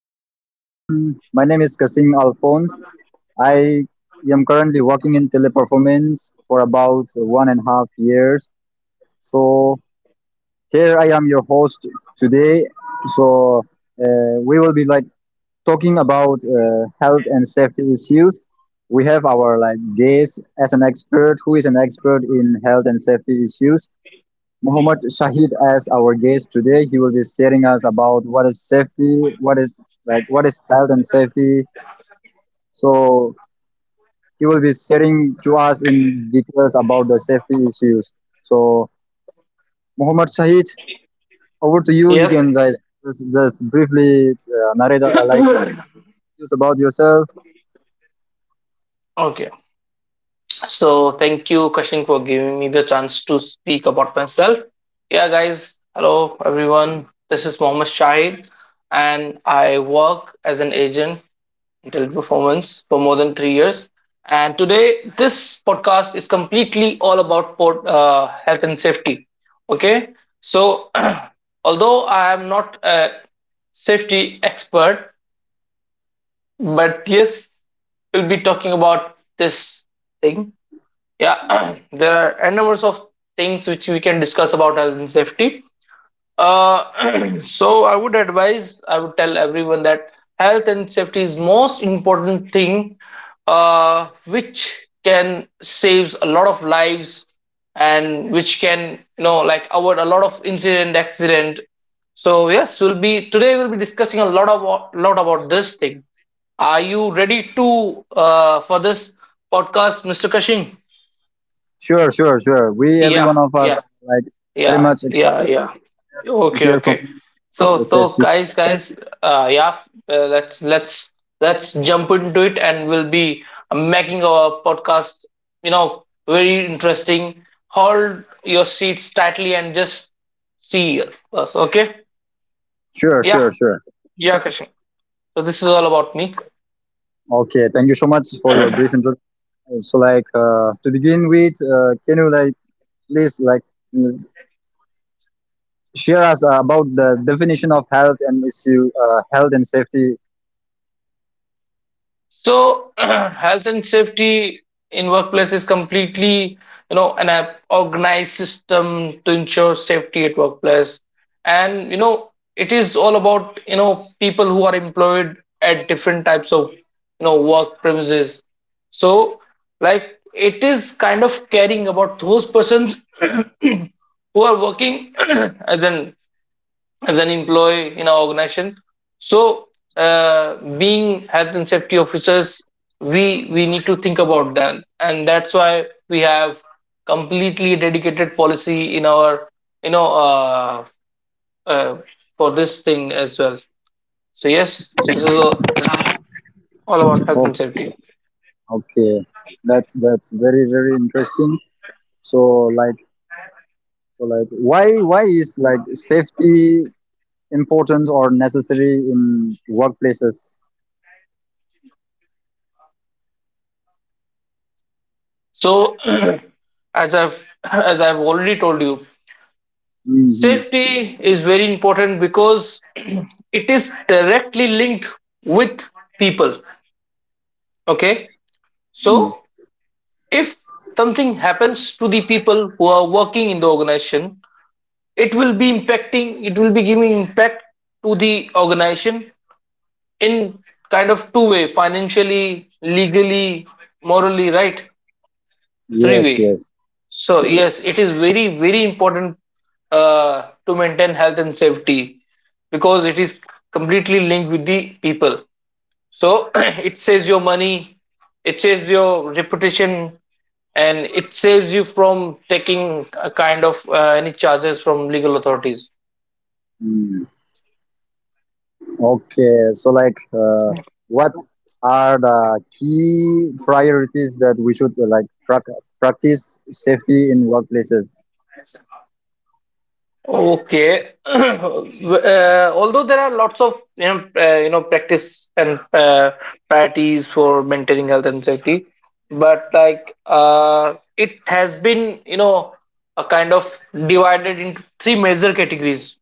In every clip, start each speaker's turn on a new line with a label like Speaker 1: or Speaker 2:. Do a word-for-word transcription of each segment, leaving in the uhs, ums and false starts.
Speaker 1: Hello everyone, my name is Kasim Alphonse. I am currently working in teleperformance for about one and a half years. So here I am your host today. So uh, we will be like talking about uh, health and safety issues. We have our like guest as an expert who is an expert in health and safety issues. Muhammad Shahid as our guest today. He will be sharing us about what is safety, what is like what is health and safety. So he will be sharing to us in details about the safety issues. So Muhammad Shahid, over to you. You
Speaker 2: Yes.
Speaker 1: can just, just just briefly uh, narrate uh, like just about yourself.
Speaker 2: okay. So thank you, Kashin, for giving me the chance to speak about myself. Yeah, guys. Hello, everyone. This is Mohammed Shahid, and I work as an agent in teleperformance for more than three years. And today, this podcast is completely all about port, uh, health and safety. Okay. So, although I am not a safety expert, but yes, we'll be talking about this thing. Yeah, there are a number of things which we can discuss about health and safety. Uh, so I would advise, I would tell everyone that health and safety is most important thing uh, which can saves a lot of lives and which can you know like avoid a lot of incident accident, so yes we'll be today we'll be discussing a lot of lot about this thing. Are you ready to uh, for this podcast, mister Kashing?
Speaker 1: Sure, sure, sure. We every
Speaker 2: Yeah,
Speaker 1: one of us
Speaker 2: yeah,
Speaker 1: are like very
Speaker 2: yeah,
Speaker 1: much
Speaker 2: yeah,
Speaker 1: excited
Speaker 2: yeah.
Speaker 1: to
Speaker 2: Okay,
Speaker 1: hear from
Speaker 2: okay.
Speaker 1: you about
Speaker 2: So,
Speaker 1: the
Speaker 2: so
Speaker 1: safety.
Speaker 2: guys, guys, uh, yeah, uh, let's let's let's jump into it, and we'll be making our podcast, you know, very interesting. Hold your seats tightly and just see us. Okay?
Speaker 1: Sure, sure,
Speaker 2: Yeah,
Speaker 1: sure.
Speaker 2: yeah, Kashing. So this is all about me.
Speaker 1: Okay, thank you so much for your brief introduction. So like uh, to begin with, uh, can you like please like share us uh, about the definition of health and issue uh, health and safety.
Speaker 2: So health and safety in workplace is completely, you know, an uh, organized system to ensure safety at workplace. And you know, it is all about, you know, people who are employed at different types of, you know, work premises. So like it is kind of caring about those persons who are working as an as an employee in our organization. So, uh, being health and safety officers, we we need to think about that, and that's why we have completely dedicated policy in our you know uh, uh, for this thing as well. So yes, this is a, all about
Speaker 1: Okay,
Speaker 2: health and safety.
Speaker 1: okay, that's that's very very interesting. So like so like why why is like safety important or necessary in workplaces?
Speaker 2: So as I've as I've already told you,
Speaker 1: Hmm.
Speaker 2: safety is very important because it is directly linked with people. Okay. So, if something happens to the people who are working in the organization, it will be impacting, it will be giving impact to the organization in kind of two way: financially, legally, morally, right? Three
Speaker 1: Yes,
Speaker 2: way.
Speaker 1: yes.
Speaker 2: So, yes, it is very, very important uh, to maintain health and safety because it is completely linked with the people. So it saves your money, it saves your reputation, and it saves you from taking a kind of uh, any charges from legal authorities.
Speaker 1: Mm. Okay, so like uh, what are the key priorities that we should uh, like prac practice safety in workplaces?
Speaker 2: Okay. uh, although there are lots of you know uh, you know practice and uh, practices for maintaining health and safety, but like uh, it has been you know a kind of divided into three major categories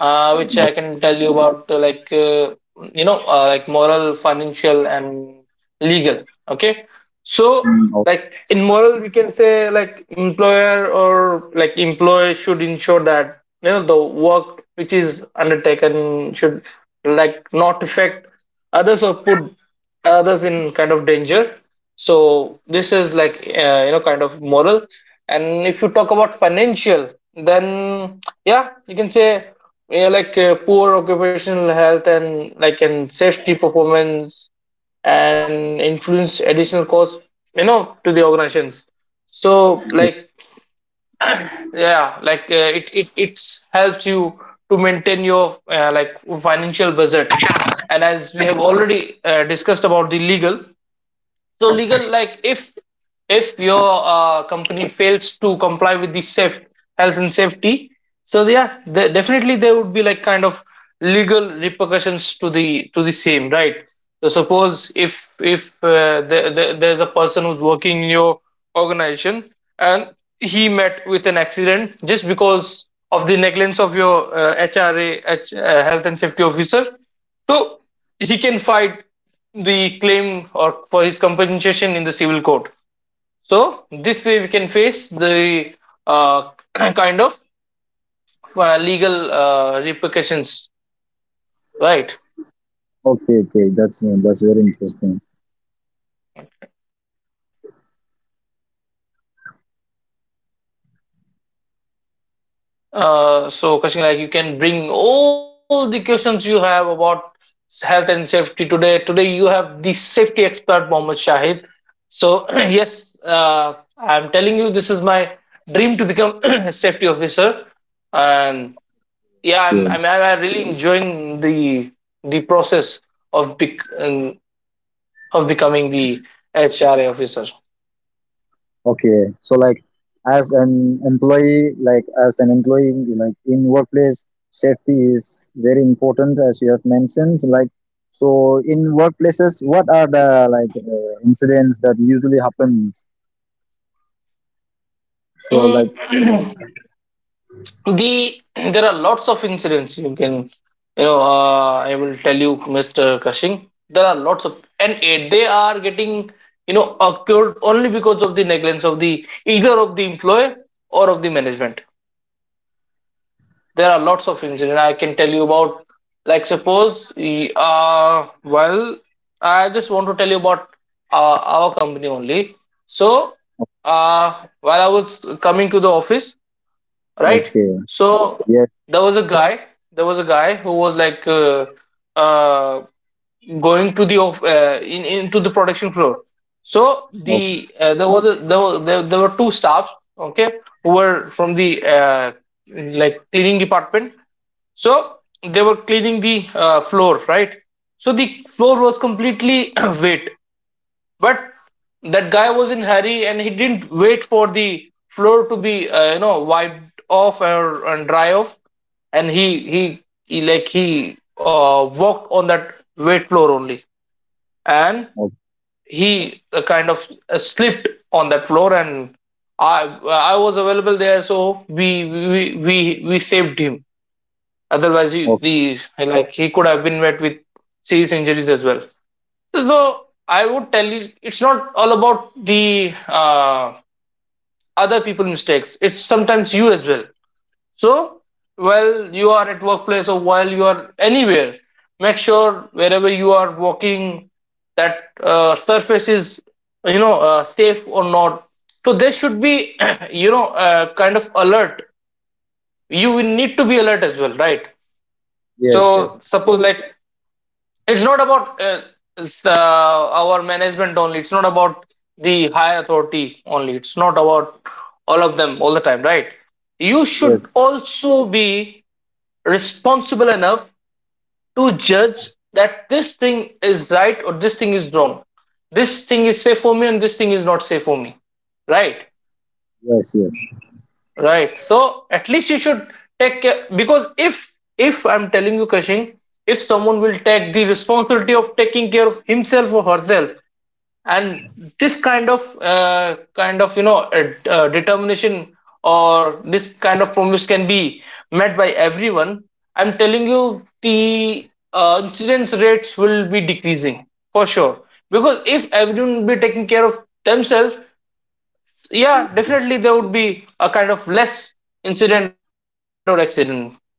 Speaker 2: uh, which
Speaker 1: Oh.
Speaker 2: I can tell you about, uh, like uh, you know, uh, like moral, financial, and legal. Okay, so
Speaker 1: Mm, oh.
Speaker 2: like in moral, we can say like employer or like employee should ensure that you know the work which is undertaken should like not affect others or put others in kind of danger. So this is like uh, you know kind of moral. And if you talk about financial, then yeah, you can say yeah, like uh, poor occupational health and like and safety performance and influence additional costs you know to the organizations. So like yeah, like uh, it it it's helps you to maintain your uh, like financial budget. And as we have already uh, discussed about the legal, so legal, like if if your uh, company fails to comply with the safe health and safety, so yeah, the, definitely there would be like kind of legal repercussions to the to the same, right? So suppose if if uh, the, the, there's a person who's working in your organization and he met with an accident just because of the negligence of your uh, H R A, H, uh, health and safety officer, so he can fight the claim or for his compensation in the civil court. So this way we can face the uh, kind of uh, legal uh, repercussions, right?
Speaker 1: Okay, okay, that's uh, that's very interesting.
Speaker 2: Uh, so question, like you can bring all the questions you have about health and safety today. Today you have the safety expert Mohammed Shahid. So yes, uh, I'm telling you, this is my dream to become a safety officer, and yeah i'm
Speaker 1: Okay,
Speaker 2: i'm, I'm really enjoying the the process of bec- um, of becoming the hra officer.
Speaker 1: okay. So like, as an employee, like as an employee, like in workplace, safety is very important, as you have mentioned. Like, so in workplaces, what are the like uh, incidents that usually happens? So like,
Speaker 2: Mm, the there are lots of incidents you can you know uh, I will tell you, Mr. Kashing, there are lots of, and eh, they are getting you know occurred only because of the negligence of the either of the employee or of the management. There are lots of engine I can tell you about. Like suppose, uh well I just want to tell you about uh, our company only. So uh while I was coming to the office, right?
Speaker 1: okay,
Speaker 2: So
Speaker 1: yes,
Speaker 2: there was a guy, there was a guy who was like uh, uh going to the off uh, in into the production floor. So the uh, there was a, there, were, there, there were two staffs, okay, who were from the uh, like cleaning department. So they were cleaning the uh, floor, right? So the floor was completely wet, but that guy was in hurry and he didn't wait for the floor to be uh, you know wiped off or and dry off, and he he, he like he uh, walked on that wet floor only, and
Speaker 1: okay,
Speaker 2: he uh, kind of uh, slipped on that floor, and I I was available there, so we we we we saved him. Otherwise, he,
Speaker 1: okay,
Speaker 2: he like he could have been met with serious injuries as well. So I would tell you, it's not all about the uh, other people mistakes. It's sometimes you as well. So while you are at workplace or while you are anywhere, make sure wherever you are walking, that uh, surface is you know uh, safe or not. So there should be you know uh, kind of alert. You will need to be alert as well, right?
Speaker 1: yes,
Speaker 2: So
Speaker 1: yes,
Speaker 2: suppose like, it's not about uh, it's, uh, our management only. It's not about the higher authority only. It's not about all of them all the time, right? You
Speaker 1: yes,
Speaker 2: should also be responsible enough to judge that this thing is right or this thing is wrong. This thing is safe for me and this thing is not safe for me. Right?
Speaker 1: yes, yes.
Speaker 2: Right. So at least you should take care because if if I'm telling you, Kashing, if someone will take the responsibility of taking care of himself or herself, and this kind of uh, kind of you know uh, uh, determination or this kind of promise can be met by everyone, I'm telling you, the uh, incidence rates will be decreasing for sure, because if everyone be taking care of themselves, yeah, definitely there would be a kind of less incident or accident, right?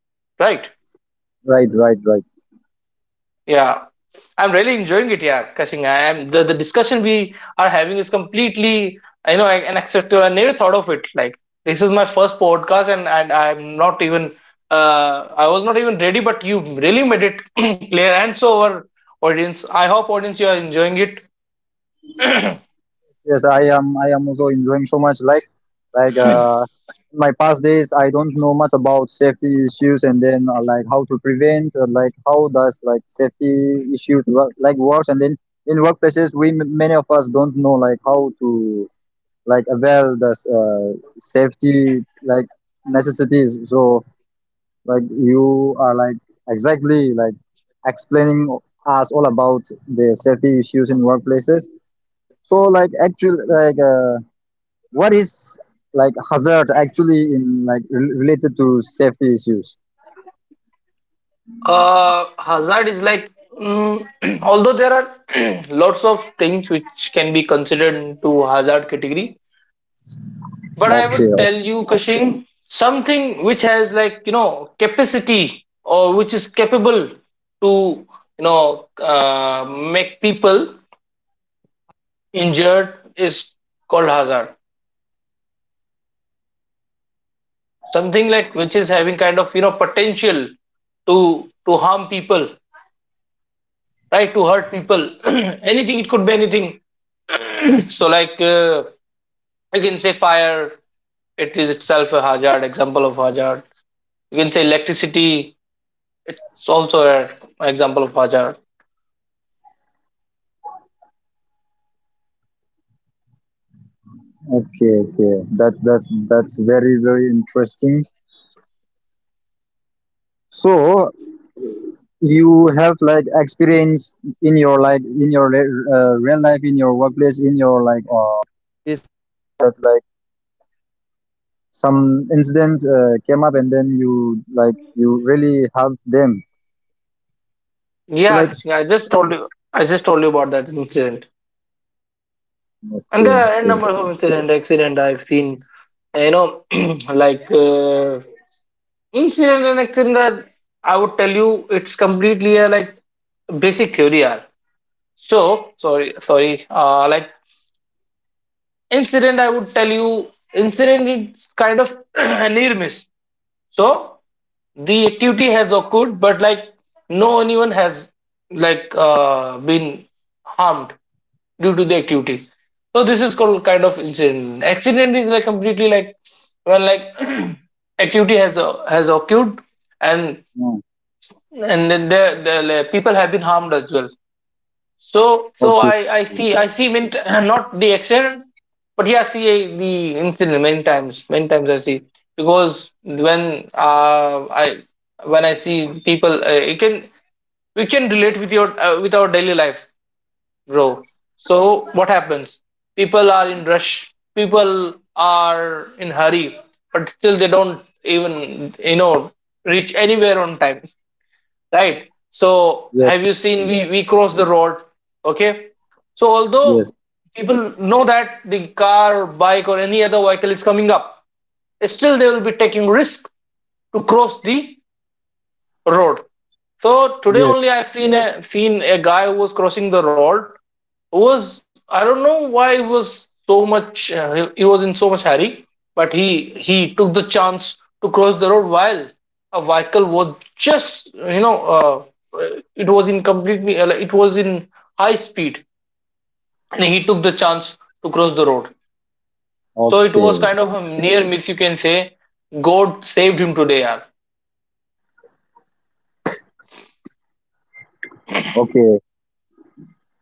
Speaker 1: Right, right, right.
Speaker 2: Yeah, I'm really enjoying it. Yeah, Kashing, I am, the, the discussion we are having is completely, you know, an acceptable. I never thought of it. Like this is my first podcast, and and I'm not even, uh, I was not even ready. But you really made it clear, and so our audience. I hope audience you are enjoying it.
Speaker 1: Yes, I am. I am also enjoying so much. Like, like uh, in my past days, I don't know much about safety issues, and then uh, like how to prevent, uh, like how does like safety issues work? Like works, and then in workplaces, we m- many of us don't know like how to like avail the uh, safety like necessities. So like you are like exactly like explaining us all about the safety issues in workplaces. So like actually like uh, what is like hazard actually in like rel- related to safety issues?
Speaker 2: Uh, hazard is like, mm, although there are lots of things which can be considered into hazard category. But I
Speaker 1: Okay.
Speaker 2: would tell you, Kashing, something which has like you know capacity or which is capable to you know uh, make people injured is called hazard. Something like which is having kind of you know potential to to harm people, right? To hurt people. Anything, it could be anything. so like uh, you can say fire. It is itself a hazard. Example of hazard. You can say electricity. It's also an example of hazard.
Speaker 1: Okay, okay. That's that's that's very very interesting. So you have like experience in your like in your re- uh, real life in your workplace in your
Speaker 2: Yeah, Krishna, I just told you. I just told you about that incident, and there are a number of incident, accident I've seen. You know, like uh, incident and accident. Are, I would tell you, it's completely a like basic theory are. So sorry, sorry. Uh, like incident, I would tell you, incident is kind of a near miss. So the activity has occurred, but like no anyone has like uh, been harmed due to the activity. So this is called kind of incident. Accident is like completely like when like activity has uh, has occurred and
Speaker 1: Mm.
Speaker 2: and then the, the, the people have been harmed as well. So, so
Speaker 1: Okay.
Speaker 2: I, I see, I see many, t- not the accident, but yeah, I see a, the incident many times. Many times I see because when uh, I when I see people, uh, you can we can relate with your uh, with our daily life, bro. So what happens? People are in rush. People are in hurry, but still they don't even you know reach anywhere on time, right? So
Speaker 1: Yes,
Speaker 2: have you seen
Speaker 1: yes,
Speaker 2: we we cross the road? Okay, so
Speaker 1: yes,
Speaker 2: although people know that the car, bike or any other vehicle is coming up, still they will be taking risk to cross the road. So today
Speaker 1: yes.
Speaker 2: only I've seen a seen a guy who was crossing the road, was, I don't know why he was so much uh, he was in so much hurry, but he he took the chance to cross the road while a vehicle was just you know uh, it was in completely uh, it was in high speed and he took the chance to cross the road. So it was
Speaker 1: Okay,
Speaker 2: kind of a near miss, you can say. God saved him today, yaar.
Speaker 1: okay.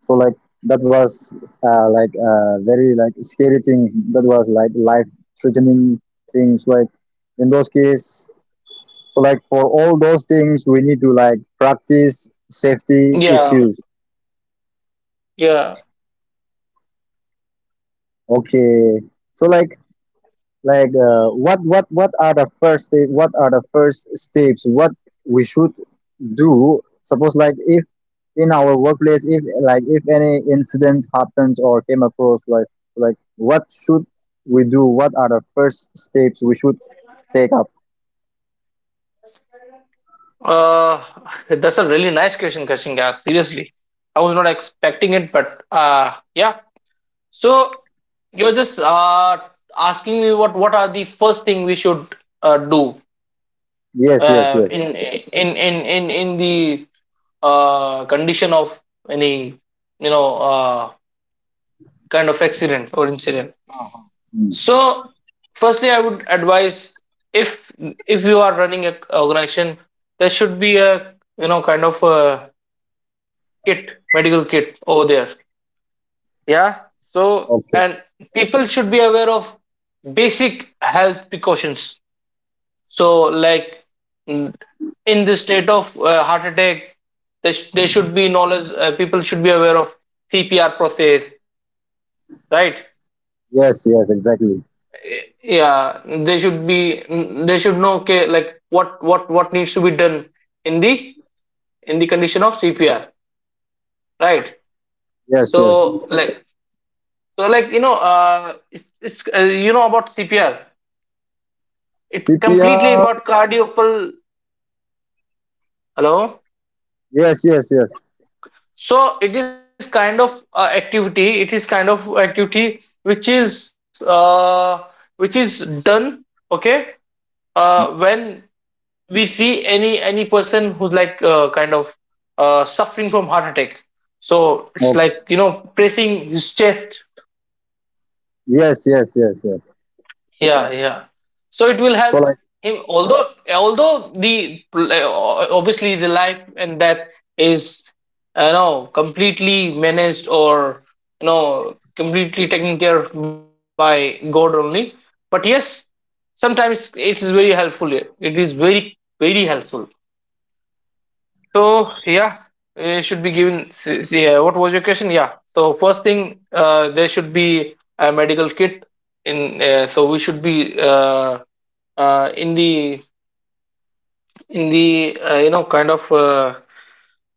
Speaker 1: So like that was uh, like uh, very like scary things. That was like life threatening things. Like in those cases, so like for all those things, we need to like practice safety
Speaker 2: Yeah,
Speaker 1: issues.
Speaker 2: yeah.
Speaker 1: Okay. So like like uh, what what what are the first sta- what are the first steps? What we should do? Suppose like if in our workplace if like if any incidents happens or came across like like what should we do, what are the first steps we should take up?
Speaker 2: Uh, that's a really nice question, Kashinga. Seriously, I was not expecting it, but uh, yeah. So you're just uh, asking me what what are the first thing we should uh, do
Speaker 1: Yes, yes,
Speaker 2: uh, in
Speaker 1: yes.
Speaker 2: in in in in the uh, condition of any you know uh, kind of accident or incident.
Speaker 1: Uh-huh. Mm,
Speaker 2: So firstly, I would advise if if you are running a organization, there should be a you know kind of a kit, medical kit over there. Yeah. So,
Speaker 1: okay.
Speaker 2: and people should be aware of basic health precautions. So, like, mm, in the state of uh, heart attack, they sh- there should be knowledge, uh, people should be aware of C P R process, right?
Speaker 1: Yes, yes, exactly.
Speaker 2: Eh, yeah. They should be, mm, they should know, okay, like what, what, what needs to be done in the, in the condition of C P R, right?
Speaker 1: Yes, yes.
Speaker 2: So, like, so like, you know, uh, it's, it's uh, you know about C P R, it completely
Speaker 1: CPR.
Speaker 2: about cardiopal, hello.
Speaker 1: Yes, yes, yes.
Speaker 2: So it is kind of uh, activity, it is kind of activity which is uh, which is done, okay, uh, when we see any any person who's like uh, kind of uh, suffering from heart attack. So it's like,
Speaker 1: Okay.
Speaker 2: you know, pressing his chest.
Speaker 1: Yes, yes, yes, yes.
Speaker 2: Yeah, yeah. So it will help
Speaker 1: So like
Speaker 2: him. Although, although the obviously the life and death is, you know, completely managed or you know completely taken care of by God only. But yes, sometimes it is very helpful. It is very, very helpful. So yeah, it should be given. s- s- Yeah, what was your question? Yeah. So first thing, uh, there should be a medical kit in. Uh, so we should be. Uh, uh, in the in the uh, you know kind of uh,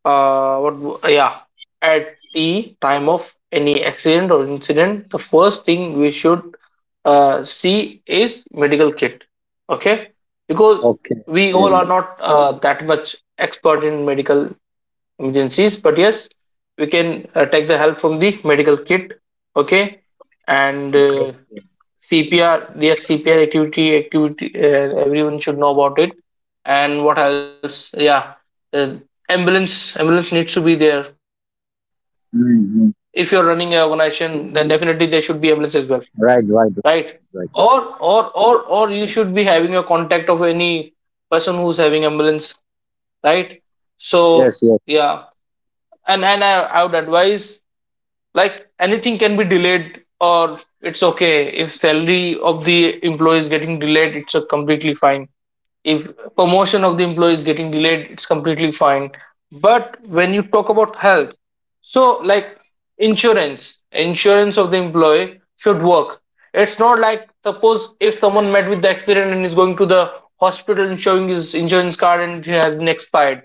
Speaker 2: uh, what w- yeah, at the time of any accident or incident, the first thing we should uh, see is medical kit, okay? Because
Speaker 1: okay,
Speaker 2: we all are
Speaker 1: okay.
Speaker 2: not uh, that much expert in medical emergencies, but yes, we can uh, take the help from the medical kit, okay. And uh, C P R, yes, C P R activity, activity, uh, everyone should know about it. And what else? Yeah, uh, ambulance, ambulance needs to be there. If you're
Speaker 1: Mm-hmm.
Speaker 2: running an organization, then definitely there should be ambulance as well,
Speaker 1: Right, right, right.
Speaker 2: right?
Speaker 1: Right.
Speaker 2: Or, or, or, or you should be having a contact of any person who's having ambulance, right?
Speaker 1: Yes,
Speaker 2: So,
Speaker 1: yes,
Speaker 2: yeah, and and I, I would advise like anything can be delayed, or it's okay, if salary of the employee is getting delayed, it's a completely fine. If promotion of the employee is getting delayed, it's completely fine. But when you talk about health, so like, insurance insurance of the employee should work. It's not like suppose if someone met with the accident and is going to the hospital and showing his insurance card and it has been expired,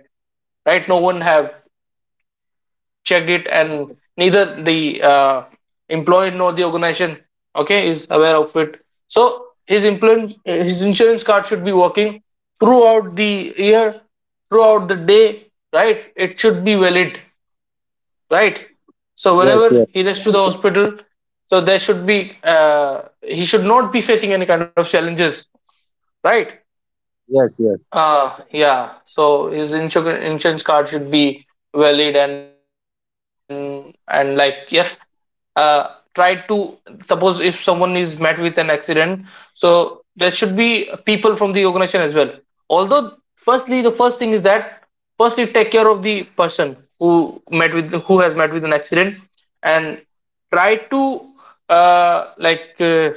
Speaker 2: right? No one have checked it and neither the uh, employee nor the organization, okay, is aware of it. So his employee, his insurance card should be working throughout the year, throughout the day, right? It should be valid, right? So
Speaker 1: yes,
Speaker 2: whenever
Speaker 1: yes,
Speaker 2: he runs to the hospital, so there should be uh, he should not be facing any kind of challenges, right?
Speaker 1: yes, yes,
Speaker 2: uh yeah, so his insur- insurance card should be valid, and and like yes, uh, try to, suppose if someone is met with an accident, so there should be people from the organization as well. Although, firstly, the first thing is that firstly take care of the person who met with, who has met with an accident, and try to uh, like uh,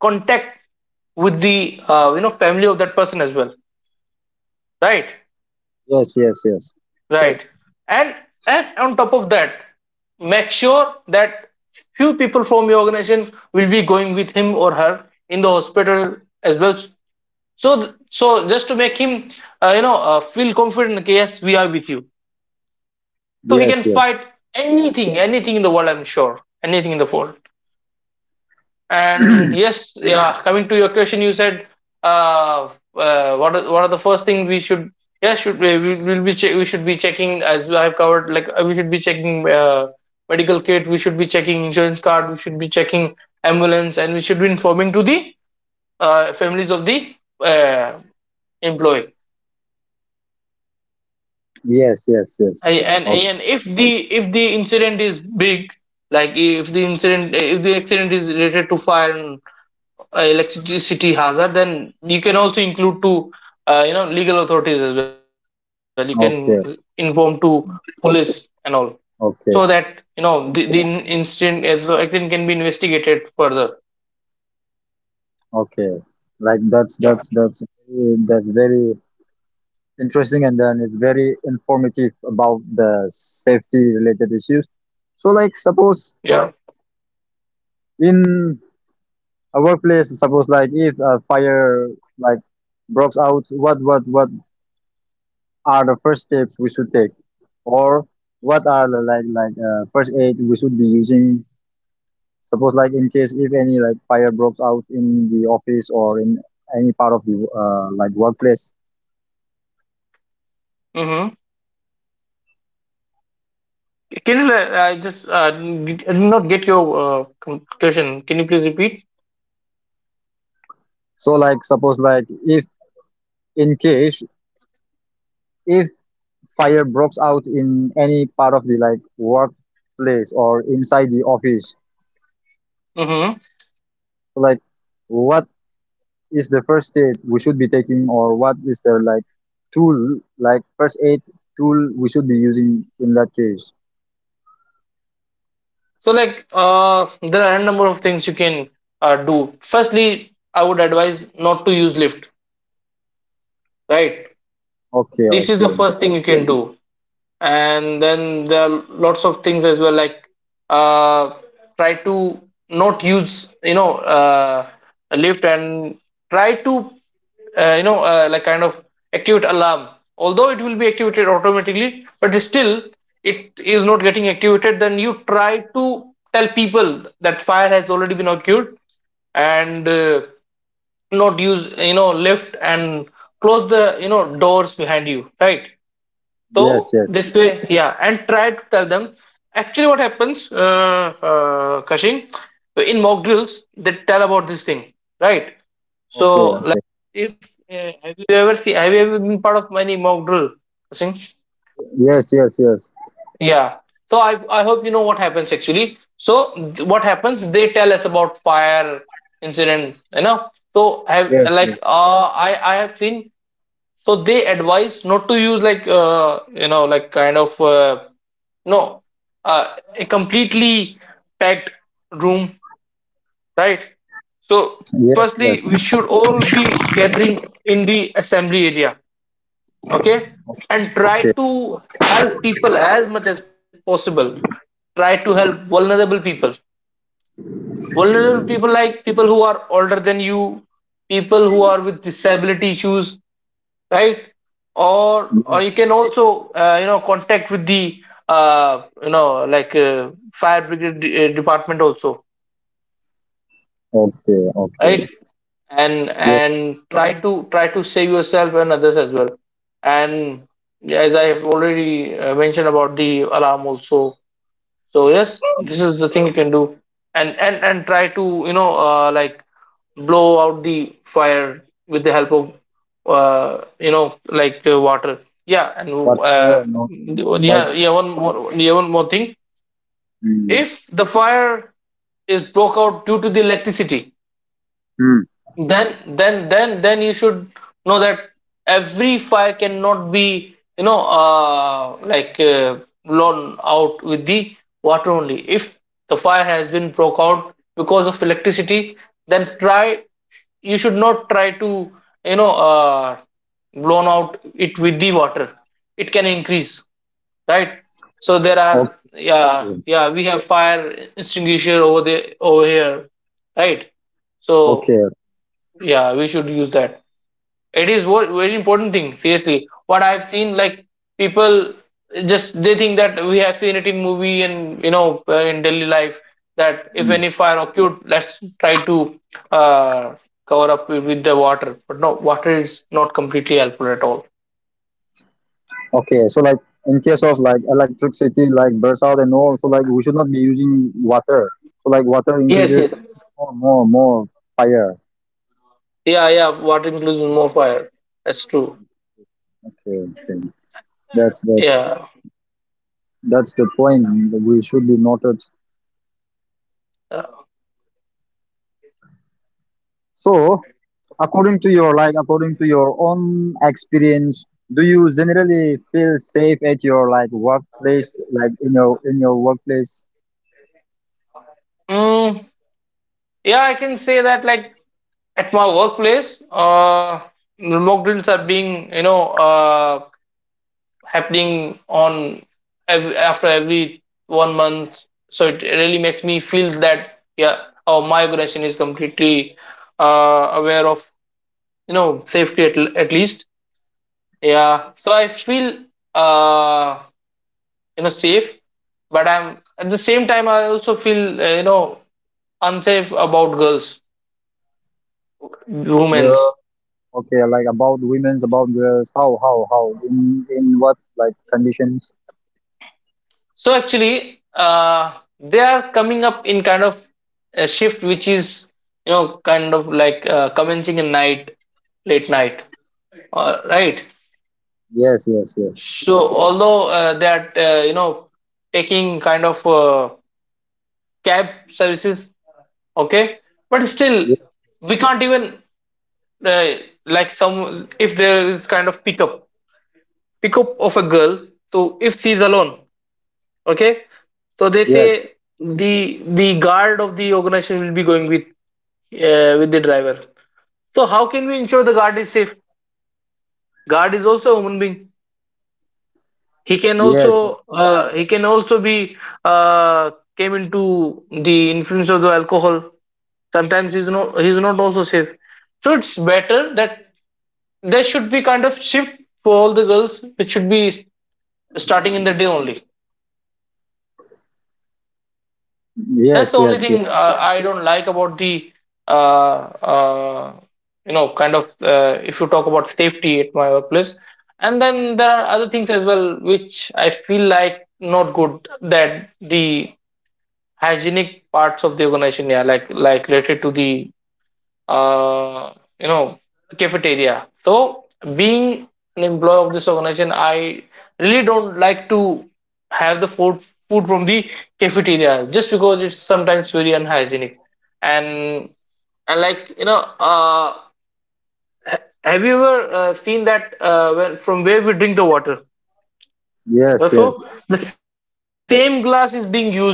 Speaker 2: contact with the uh, you know family of that person as well, right?
Speaker 1: yes, yes, yes,
Speaker 2: Right. And and on top of that, make sure that few people from your organization will be going with him or her in the hospital as well. So so just to make him uh, you know uh, feel confident. Okay, yes, we are with you. So he can fight
Speaker 1: yes, yes,
Speaker 2: anything, anything in the world. I'm sure anything in the world. And yes, yeah. Coming to your question, you said, uh, uh, what are, what are the first thing we should? Yeah, should we we- will be che- we should be checking, as I have covered. Like uh, we should be checking uh, medical kit. We should be checking insurance card. We should be checking ambulance, and we should be informing to the uh, families of the uh, employee.
Speaker 1: yes, yes, yes.
Speaker 2: I- And
Speaker 1: Okay,
Speaker 2: and if the if the incident is big, like if the incident if the accident is related to fire, uh, electricity hazard, then you can also include to uh, you know legal authorities as well, you can inform to
Speaker 1: okay,
Speaker 2: police and all, so that
Speaker 1: okay.
Speaker 2: you know the, the in- incident as the accident can be investigated further.
Speaker 1: Okay, like that's
Speaker 2: Yeah,
Speaker 1: that's that's very, that's very interesting, and then it's very informative about the safety related issues. So, like, suppose
Speaker 2: yeah.
Speaker 1: in a workplace, suppose like if a fire like breaks out, what what what are the first steps we should take, or what are the like like uh, first aid we should be using? Suppose like in case if any like fire breaks out in the office or in any part of the uh, like workplace.
Speaker 2: Mm-hmm. Can you uh, I just uh, did I did not get your uh, com- question, can you please repeat?
Speaker 1: So like suppose like if in case if fire breaks out in any part of the like workplace or inside the office,
Speaker 2: Mm-hmm.
Speaker 1: like what is the first aid we should be taking or what is the like tool like first aid tool we should be using in that case?
Speaker 2: So like uh, there are a number of things you can uh, do. Firstly, I would advise not to use lift, right?
Speaker 1: Okay,
Speaker 2: This is the
Speaker 1: okay.
Speaker 2: first thing you can do. And then there are lots of things as well, like uh, try to not use you know uh, a lift, and try to uh, you know uh, like kind of activate alarm. Although it will be activated automatically, but still, it is not getting activated, then you try to tell people that fire has already been occurred, and uh, not use you know lift, and close the you know doors behind you, right? So
Speaker 1: Yes, yes.
Speaker 2: this way, yeah, and try to tell them. Actually, what happens, uh, uh, Kashing, in mock drills, they tell about this thing, right?
Speaker 1: Okay,
Speaker 2: So, like,
Speaker 1: okay.
Speaker 2: you ever see? Have you ever been part of any mock drill, Kashing?
Speaker 1: Yes, yes, yes.
Speaker 2: Yeah. So I I hope you know what happens actually. So th- what happens? They tell us about fire incident, you know. So have
Speaker 1: Yes,
Speaker 2: like
Speaker 1: yes.
Speaker 2: uh, I I have seen. So they advise not to use like uh, you know like kind of uh, no, uh, a completely packed room, right? So
Speaker 1: Yes,
Speaker 2: firstly,
Speaker 1: yes.
Speaker 2: we should all be gathering in the assembly area, okay, and try
Speaker 1: Okay.
Speaker 2: to help people as much as possible. Try to help vulnerable people. Vulnerable people like people who are older than you, people who are with disability issues, right? Or or you
Speaker 1: Yes,
Speaker 2: can
Speaker 1: yes.
Speaker 2: also uh, you know contact with the uh, you know like uh, fire brigade de- uh, department also,
Speaker 1: Okay, okay.
Speaker 2: right? And
Speaker 1: Yeah.
Speaker 2: and try to try to save yourself and others as well. And as I have already uh, mentioned about the alarm also, so yes, this is the thing you can do. And and and try to you know uh, like blow out the fire with the help of uh, you know like uh, water. Yeah, and
Speaker 1: Water,
Speaker 2: uh,
Speaker 1: no, like
Speaker 2: yeah, yeah, one more, yeah, one more thing.
Speaker 1: mm,
Speaker 2: If the fire is broke out due to the electricity,
Speaker 1: hmm.
Speaker 2: then then then then you should know that every fire cannot be you know uh, like uh, blown out with the water only. If the fire has been broke out because of electricity, then try, you should not try to you know uh, blown out it with the water, it can increase, right? So there are,
Speaker 1: Okay,
Speaker 2: yeah, yeah, we have fire extinguisher over there, over here, right? So
Speaker 1: okay,
Speaker 2: yeah, we should use that. It is wo- very important thing. Seriously, what I've seen, like people just they think that we have seen it in movie and you know uh, in daily life that if
Speaker 1: mm,
Speaker 2: any fire occurred, let's try to uh, cover up wi- with the water. But no, water is not completely helpful at all.
Speaker 1: okay. So like in case of like electricity like bursts out and all, so like we should not be using water. So like water
Speaker 2: Yes, yes,
Speaker 1: increases more, more, more fire.
Speaker 2: yeah, yeah. Water includes more fire. That's true.
Speaker 1: Okay, okay. That's that's
Speaker 2: Yeah.
Speaker 1: that's the point we should be noted.
Speaker 2: Uh,
Speaker 1: So according to your like according to your own experience, do you generally feel safe at your like workplace, like in your in your workplace?
Speaker 2: Mm, yeah, I can say that like at my workplace uh, mock drills are being you know uh, happening on every, after every one month, so it really makes me feel that, yeah, oh, my organization is completely uh, aware of, you know, safety at, l- at least. Yeah, so I feel uh, you know, safe. But I'm, at the same time I also feel, uh, you know, unsafe about girls, women's.
Speaker 1: Okay, like about women's, about girls. How, how, how? In in what like conditions?
Speaker 2: So actually, uh, they are coming up in kind of a shift which is, you know, kind of like uh, commencing in night, late night, uh, right?
Speaker 1: Yes, yes, yes.
Speaker 2: So although uh, they are, uh, you know, taking kind of uh, cab services, okay, but still
Speaker 1: Ye-
Speaker 2: we can't even, uh, like some, if there is kind of pickup pickup of a girl. So if she's alone, okay, so they
Speaker 1: yes,
Speaker 2: say the the guard of the organization will be going with, uh, with the driver. So how can we ensure the guard is safe? Guard is also a human being. He can
Speaker 1: yes,
Speaker 2: also, uh, he can also be uh, came into the influence of the alcohol. Sometimes he's not he's not also safe. So it's better that there should be kind of shift for all the girls. It should be starting in the day only. That's
Speaker 1: yes,
Speaker 2: the only
Speaker 1: yes, yes,
Speaker 2: thing uh, I don't like about the, uh, uh, you know, kind of, uh, if you talk about safety at my workplace. And then there are other things as well which I feel like not good, that the hygienic parts of the organization, yeah, like like related to the, uh, you know, cafeteria. So being an employee of this organization, I really don't like to have the food food from the cafeteria, just because it's sometimes very unhygienic. and and like, you know uh have you ever uh, seen that uh, when, from where we drink the water. Uh,
Speaker 1: yes,
Speaker 2: so
Speaker 1: yes.
Speaker 2: the same glass is being used by everyone.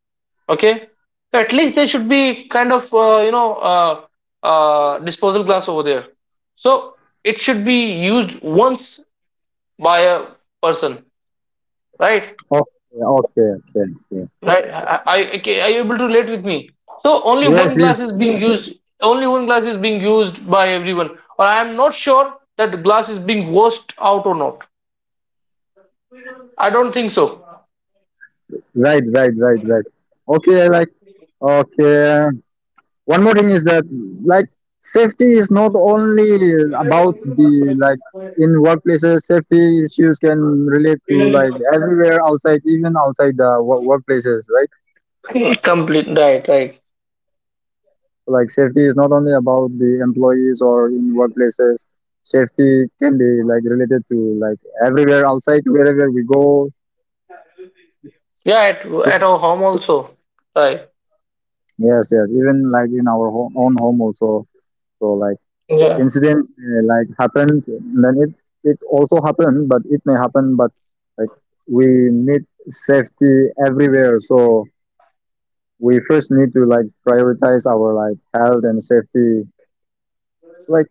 Speaker 2: Okay, so at least there should be kind of, uh, you know uh, uh, disposal glass over there. So it should be used once by a person, right?
Speaker 1: Okay, okay, okay, okay.
Speaker 2: Right? I, I, okay, are you able to relate with me? So only
Speaker 1: Yes,
Speaker 2: one
Speaker 1: yes,
Speaker 2: glass is
Speaker 1: yes,
Speaker 2: being
Speaker 1: yes.
Speaker 2: used. Only one glass is being used by everyone. Or I am not sure that glass is being washed out or not. I don't think so.
Speaker 1: Right, right, right, right. Okay, like okay. One more thing is that like safety is not only about the like in workplaces. Safety issues can relate to like everywhere outside, even outside the wo- workplaces, right?
Speaker 2: Complete. Right. Right.
Speaker 1: Like safety is not only about the employees or in workplaces. Safety can be like related to like everywhere outside, wherever we go.
Speaker 2: Yeah. At,
Speaker 1: So
Speaker 2: at our home also. Right.
Speaker 1: yes, yes, even like in our home, own home also. So like
Speaker 2: Yeah.
Speaker 1: incidents uh, like happens, then it it also happen, but it may happen, but like we need safety everywhere. So we first need to like prioritize our like health and safety like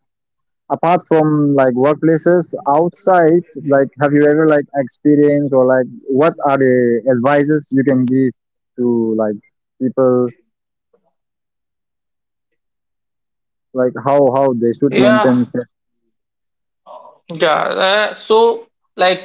Speaker 1: apart from like workplaces outside like have you ever like experienced or like what are the advices you can give to like people like how how they should
Speaker 2: Yeah.
Speaker 1: maintain se-
Speaker 2: Yeah, uh, so like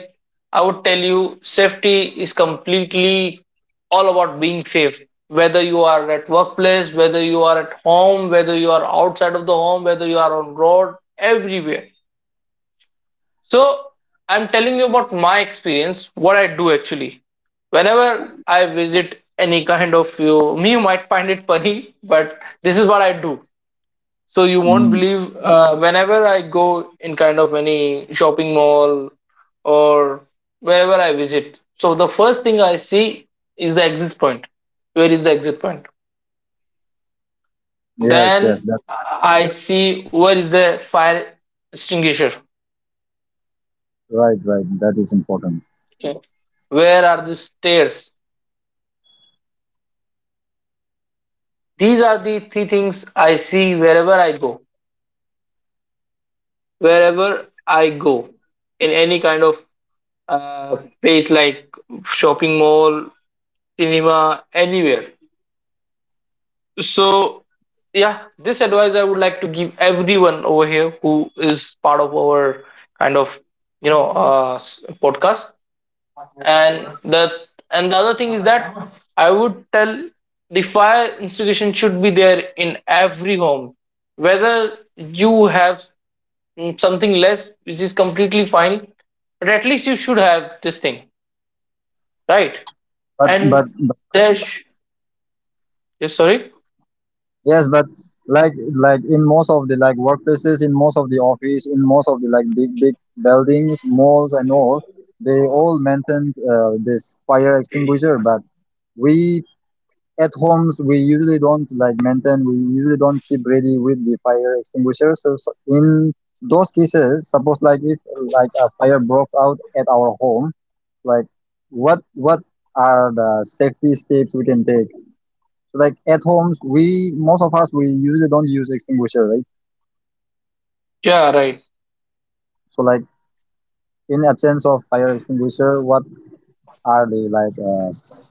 Speaker 2: I would tell you, safety is completely all about being safe. Whether you are at workplace, whether you are at home, whether you are outside of the home, whether you are on road, everywhere. So I'm telling you about my experience, what I do actually. Whenever I visit any kind of you, me, you might find it funny, but this is what I do. So you won't
Speaker 1: mm,
Speaker 2: believe, uh, whenever I go in kind of any shopping mall or wherever I visit. So the first thing I see is the exit point. Where is the exit point?
Speaker 1: yes, yes,
Speaker 2: Then
Speaker 1: that's
Speaker 2: I see where is the fire extinguisher.
Speaker 1: right, right, that is important.
Speaker 2: Okay. Where are the stairs? These are the three things I see wherever I go. Wherever I go in any kind of uh, place like shopping mall, cinema, anywhere. So, yeah, this advice I would like to give everyone over here who is part of our kind of, you know uh, s- podcast. And the and the other thing is that I would tell, the fire instigation should be there in every home, whether you have, mm, something less, which is completely fine, but at least you should have this thing, right?
Speaker 1: But but
Speaker 2: And there's, yes, sorry,
Speaker 1: yes, but like like in most of the like workplaces in most of the office in most of the like big big buildings malls and all, they all maintained uh, this fire extinguisher, but we at homes we usually don't like maintain, we usually don't keep ready with the fire extinguisher, so, so in those cases suppose like if like a fire broke out at our home, like what what are the safety steps we can take? So, like at homes we most of us we usually don't use extinguisher right?
Speaker 2: yeah, right.
Speaker 1: So like in absence of fire extinguisher what are the like uh, s-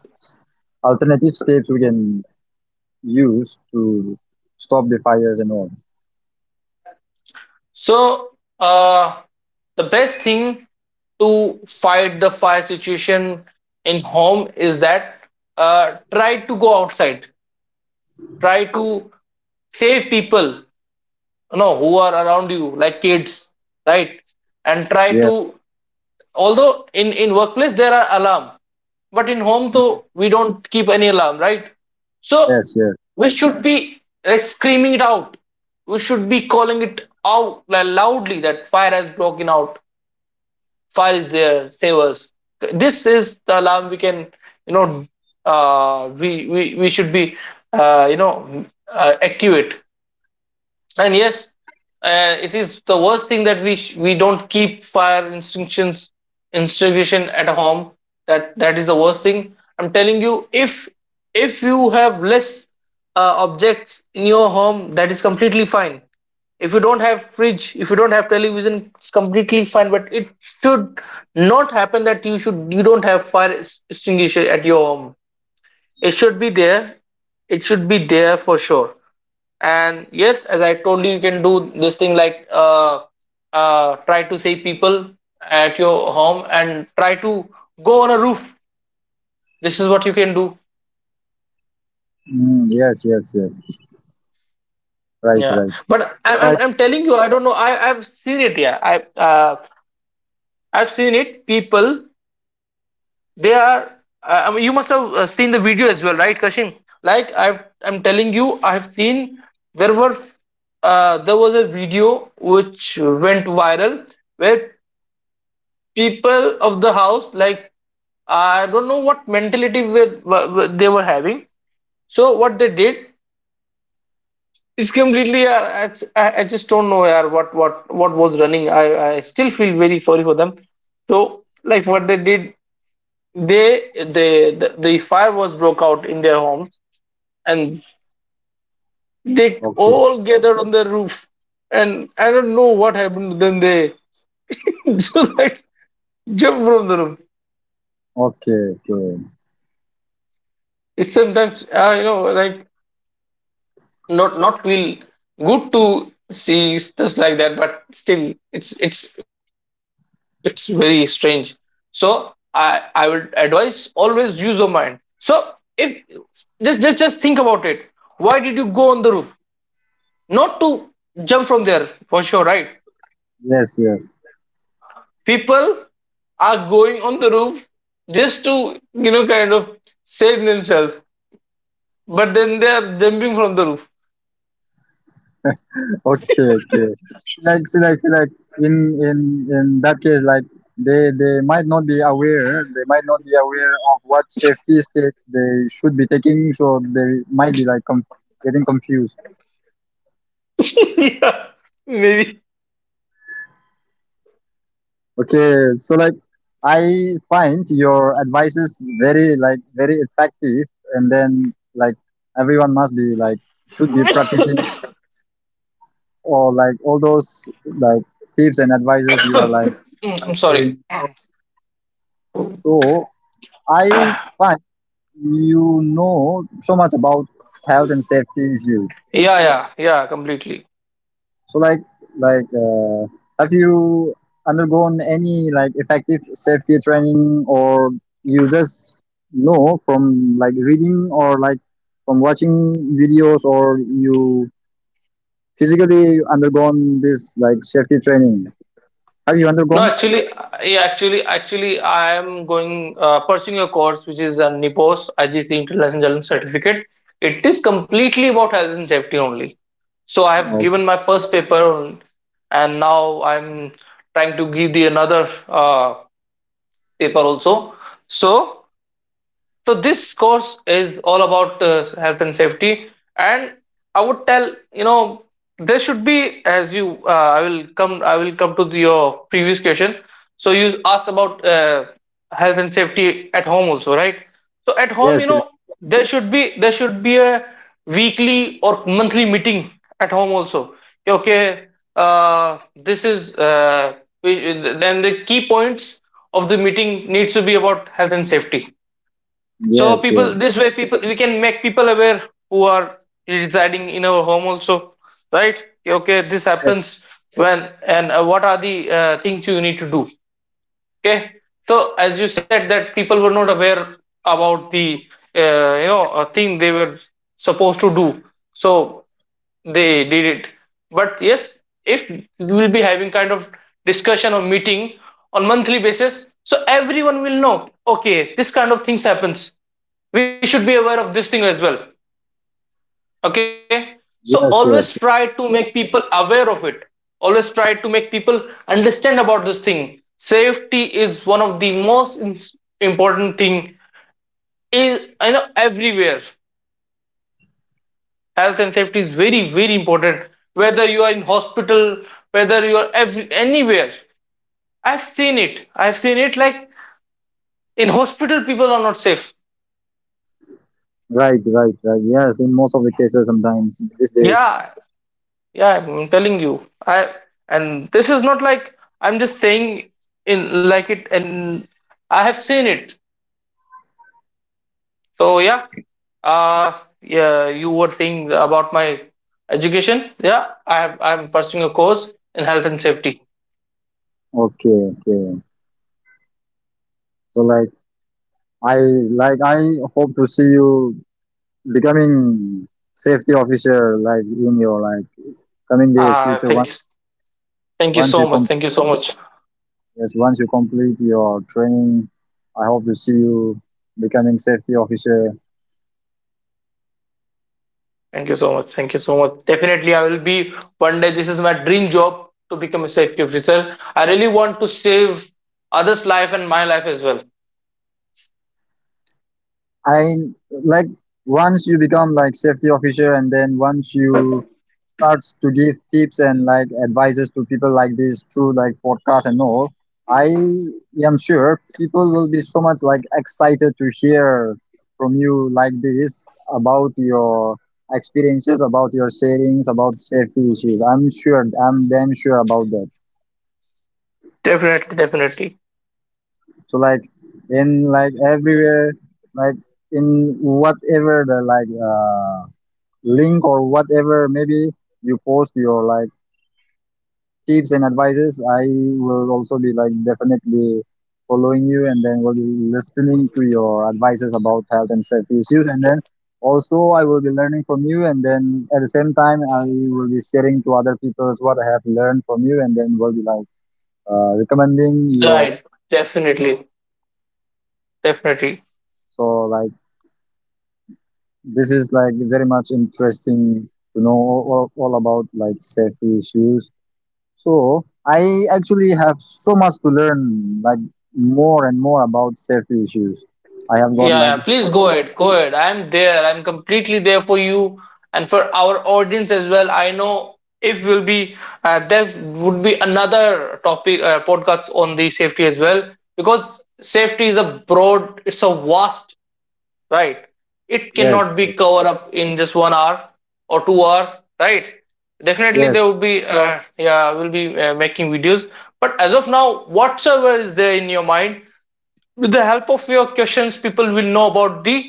Speaker 1: alternative steps we can use to stop the fires and all?
Speaker 2: So, uh, the best thing to fight the fire situation in home is that, uh, try to go outside, try to save people, you know, who are around you, like kids, right? And try
Speaker 1: Yeah.
Speaker 2: to, although in in workplace there are alarm, but in home, though, we don't keep any alarm, right? So
Speaker 1: Yes, yes.
Speaker 2: we should be like screaming it out, we should be calling it out like, loudly, that fire has broken out, fire is there, save us. This is the alarm we can, you know uh, we, we we should be, uh, you know uh, activate. And yes, uh, it is the worst thing that we sh- we don't keep fire instinctions, instigation at home. That that is the worst thing. I'm telling you, if if you have less uh, objects in your home, that is completely fine. If you don't have fridge, if you don't have television, it's completely fine. But it should not happen that you should, you don't have fire extinguisher at your home. It should be there. It should be there for sure. And yes, as I told you, you can do this thing like, uh, uh, try to save people at your home and try to go on a roof. This is what you can do.
Speaker 1: Mm, yes, yes, yes. Right,
Speaker 2: Yeah,
Speaker 1: right.
Speaker 2: but I,
Speaker 1: Right.
Speaker 2: I'm I'm telling you, I don't know. I I've seen it. Yeah, I, uh, I've seen it. People, they are. Uh, I mean, you must have uh, seen the video as well, right, Kashim? Like I've, I'm telling you, I've seen, there were, uh, there was a video which went viral, where people of the house, like, I don't know what mentality were, were, were- they were having. So what they did is completely. Uh, I, I I just don't know, yaar, what what what was running. I, I still feel very sorry for them. So like what they did, they they the, the fire was broke out in their homes, and they
Speaker 1: Okay.
Speaker 2: all gathered on the roof. And I don't know what happened to them. They just like jump from the roof.
Speaker 1: Okay, okay.
Speaker 2: It's sometimes, uh, you know like, not not feel good to see stuff like that, but still it's it's it's very strange. So i i would advise, always use your mind. So if, just just just think about it, why did you go on the roof? Not to jump from there, for sure, right?
Speaker 1: Yes, yes.
Speaker 2: People are going on the roof just to, you know, kind of save themselves, but then they are jumping from the roof.
Speaker 1: Okay, okay. It's like, it's like, it's like in in in that case, like they they might not be aware. They might not be aware of what safety steps they should be taking, so they might be like com- getting confused.
Speaker 2: Yeah, maybe.
Speaker 1: Okay, so like I find your advices very like very effective, and then like everyone must be like should be practicing or like all those like tips and advices you are like
Speaker 2: I'm sorry.
Speaker 1: sharing. So, so I find you know so much about health and safety issues.
Speaker 2: Yeah, yeah, yeah, completely.
Speaker 1: So like like uh, have you undergone any like effective safety training or you just know from like reading or like from watching videos or you physically undergone this like safety training, have you
Speaker 2: No,
Speaker 1: undergone?
Speaker 2: actually, uh, yeah, actually, actually, I am going, uh, pursuing a course which is a NIPOS I G C International Journalism Certificate. It is completely about health and safety only. So I have
Speaker 1: Oh,
Speaker 2: given my first paper, on- and now I'm trying to give the another uh, paper also. So So this course is all about uh, health and safety, and I would tell, you know, there should be, as you, uh, I will come I will come to the, your previous question. So you asked about, uh, health and safety at home also, right? So at home, you
Speaker 1: yes.
Speaker 2: know, there should be there should be a weekly or monthly meeting at home also. Yeah, okay, uh, this is, uh, we- then the key points of the meeting needs to be about health and safety. So
Speaker 1: Yes,
Speaker 2: people,
Speaker 1: yes,
Speaker 2: this way, people, we can make people aware who are residing in our home also, right? Okay, this
Speaker 1: yes,
Speaker 2: happens when, and uh, what are the uh, things you need to do? Okay, so as you said that people were not aware about the, uh, you know uh, thing they were supposed to do. So they did it, but yes, if we'll be having kind of discussion or meeting on monthly basis, so everyone will know, okay, this kind of things happens, we should be aware of this thing as well. Okay, so always
Speaker 1: yes,
Speaker 2: try
Speaker 1: yes.
Speaker 2: to make people aware of it. Always try to make people understand about this thing. Safety is one of the most ins- important thing is, you know, everywhere health and safety is very very important. Whether you are in hospital, whether you are ev- anywhere, I've seen it, I've seen it, like in hospital people are not safe.
Speaker 1: Right, right, right. Yes, in most of the cases, sometimes these days.
Speaker 2: Yeah, yeah, I'm telling you, I, and this is not like I'm just saying in like it, and I have seen it. So yeah, uh yeah, you were saying about my education. Yeah, i have I'm pursuing a course in health and safety.
Speaker 1: Okay, okay. So like, I like I hope to see you becoming safety officer, like in your like coming days,
Speaker 2: Uh
Speaker 1: future.
Speaker 2: thank
Speaker 1: Once
Speaker 2: you, thank you
Speaker 1: once
Speaker 2: so
Speaker 1: you
Speaker 2: much
Speaker 1: com
Speaker 2: thank you so much.
Speaker 1: yes, once you complete your training, I hope to see you becoming safety officer.
Speaker 2: Thank you so much. Thank you so much. Definitely, I will be one day. This is my dream job, to become a safety officer. I really want to save others' life and my life as well.
Speaker 1: I like once you become like safety officer, and then once you starts to give tips and like advices to people like this through like podcast and all, I am sure people will be so much like excited to hear from you like this about your experiences, about your savings, about safety issues. I'm sure, I'm damn sure about that.
Speaker 2: Definitely, definitely.
Speaker 1: So like in like everywhere, like in whatever the like uh, link or whatever, maybe you post your like tips and advices. I will also be like definitely following you and then will be listening to your advices about health and safety issues. And then also I will be learning from you. And then at the same time, I will be sharing to other people what I have learned from you. And then will be like uh, recommending your.
Speaker 2: Right. Definitely, definitely.
Speaker 1: So like this is like very much interesting to know all, all all about like safety issues. So I actually have so much to learn, like more and more about safety issues. I have got
Speaker 2: Yeah, yeah.
Speaker 1: like
Speaker 2: Please go ahead. Go ahead. I'm there. I'm completely there for you and for our audience as well. I know, if will be, uh, there would be another topic, uh, podcast on the safety as well, because safety is a broad, it's a vast, right? It
Speaker 1: yes,
Speaker 2: cannot be covered up in just one hour or two hours, right? Definitely, there
Speaker 1: yes,
Speaker 2: will be, uh, yeah, will be, uh, making videos. But as of now, whatsoever is there in your mind, with the help of your questions, people will know about the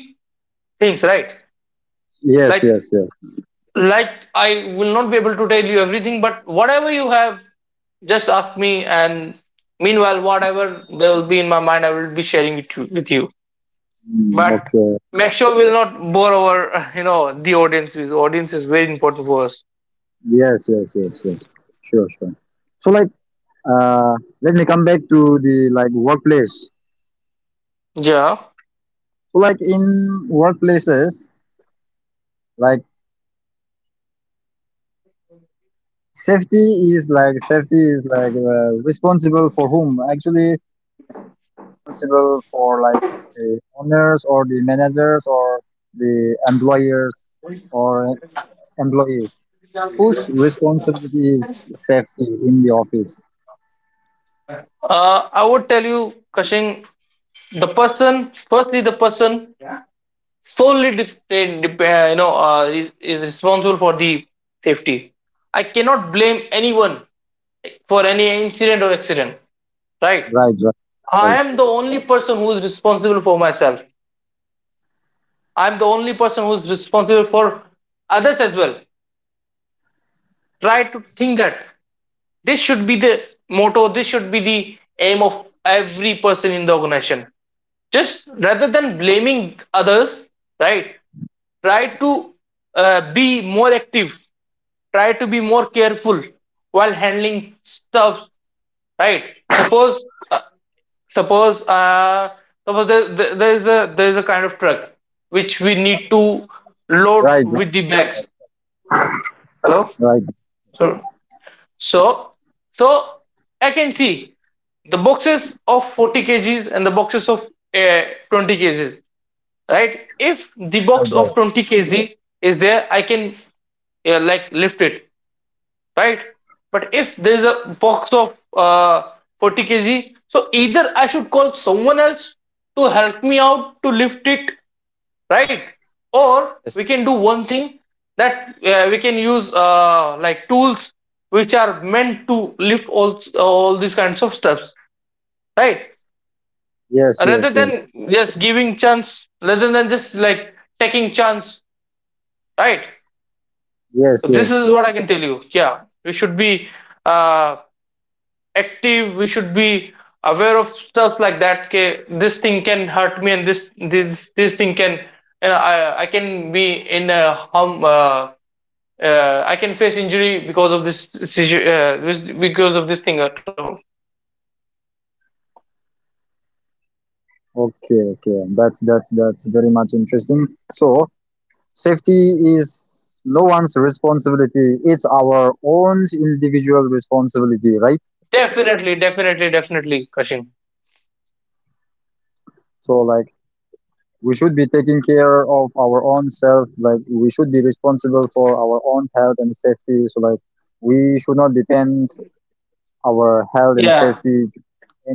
Speaker 2: things, right?
Speaker 1: yes,
Speaker 2: Like,
Speaker 1: yes, yes.
Speaker 2: like I will not be able to tell you everything, but whatever you have, just ask me. And meanwhile, whatever there will be in my mind, I will be sharing it to- with you.
Speaker 1: Mm,
Speaker 2: But
Speaker 1: okay,
Speaker 2: make sure we'll not bore our, you know, the audience. Because audience is very important for us.
Speaker 1: yes, yes, yes, yes. Sure, sure. So like, uh, let me come back to the like workplace.
Speaker 2: Yeah.
Speaker 1: So like in workplaces, like safety is like safety is like uh, responsible for whom?
Speaker 2: Uh, I would tell you, Kashing, the person, firstly, the person solely, dep- dep- uh, you know, uh, is, is responsible for the safety. I cannot blame anyone for any incident or accident, right?
Speaker 1: Right,
Speaker 2: I am the only person who is responsible for myself. I'm the only person who's responsible for others as well. Try to think that. This should be the motto, this should be the aim of every person in the organization. Just rather than blaming others, right? Try to uh, be more active, try to be more careful while handling stuff, right? Suppose, uh, suppose, uh, suppose there, there, there is a there is a kind of truck which we need to load
Speaker 1: right, right,
Speaker 2: with the bags. Hello,
Speaker 1: right, right.
Speaker 2: sir. So, so I can see the boxes of forty kgs and the boxes of uh, twenty kgs, right? If the box of
Speaker 1: Right.
Speaker 2: twenty k g is there, I can uh, like lift it, right? But if there is a box of uh, forty k g, so either I should call someone else to help me out to lift it, right? Or we can do one thing that uh, we can use uh, like tools which are meant to lift all all these kinds of stuffs, right? Rather than just giving chance, rather than just like taking chance, right? So this is what I can tell you. Yeah, we should be uh, active, we should be aware of stuff like that. Okay, this thing can hurt me, and this this this thing can, you know, I, I can be in a harm, uh, uh, I can face injury because of this situ- uh, because of this thing at all.
Speaker 1: Okay, that's that's that's very much interesting. So safety is no one's responsibility. It's our own individual responsibility, right?
Speaker 2: Definitely, definitely, definitely, Kashin.
Speaker 1: So like we should be taking care of our own self. Like we should be responsible for our own health and safety. So like we should not depend our health and
Speaker 2: Yeah.
Speaker 1: safety to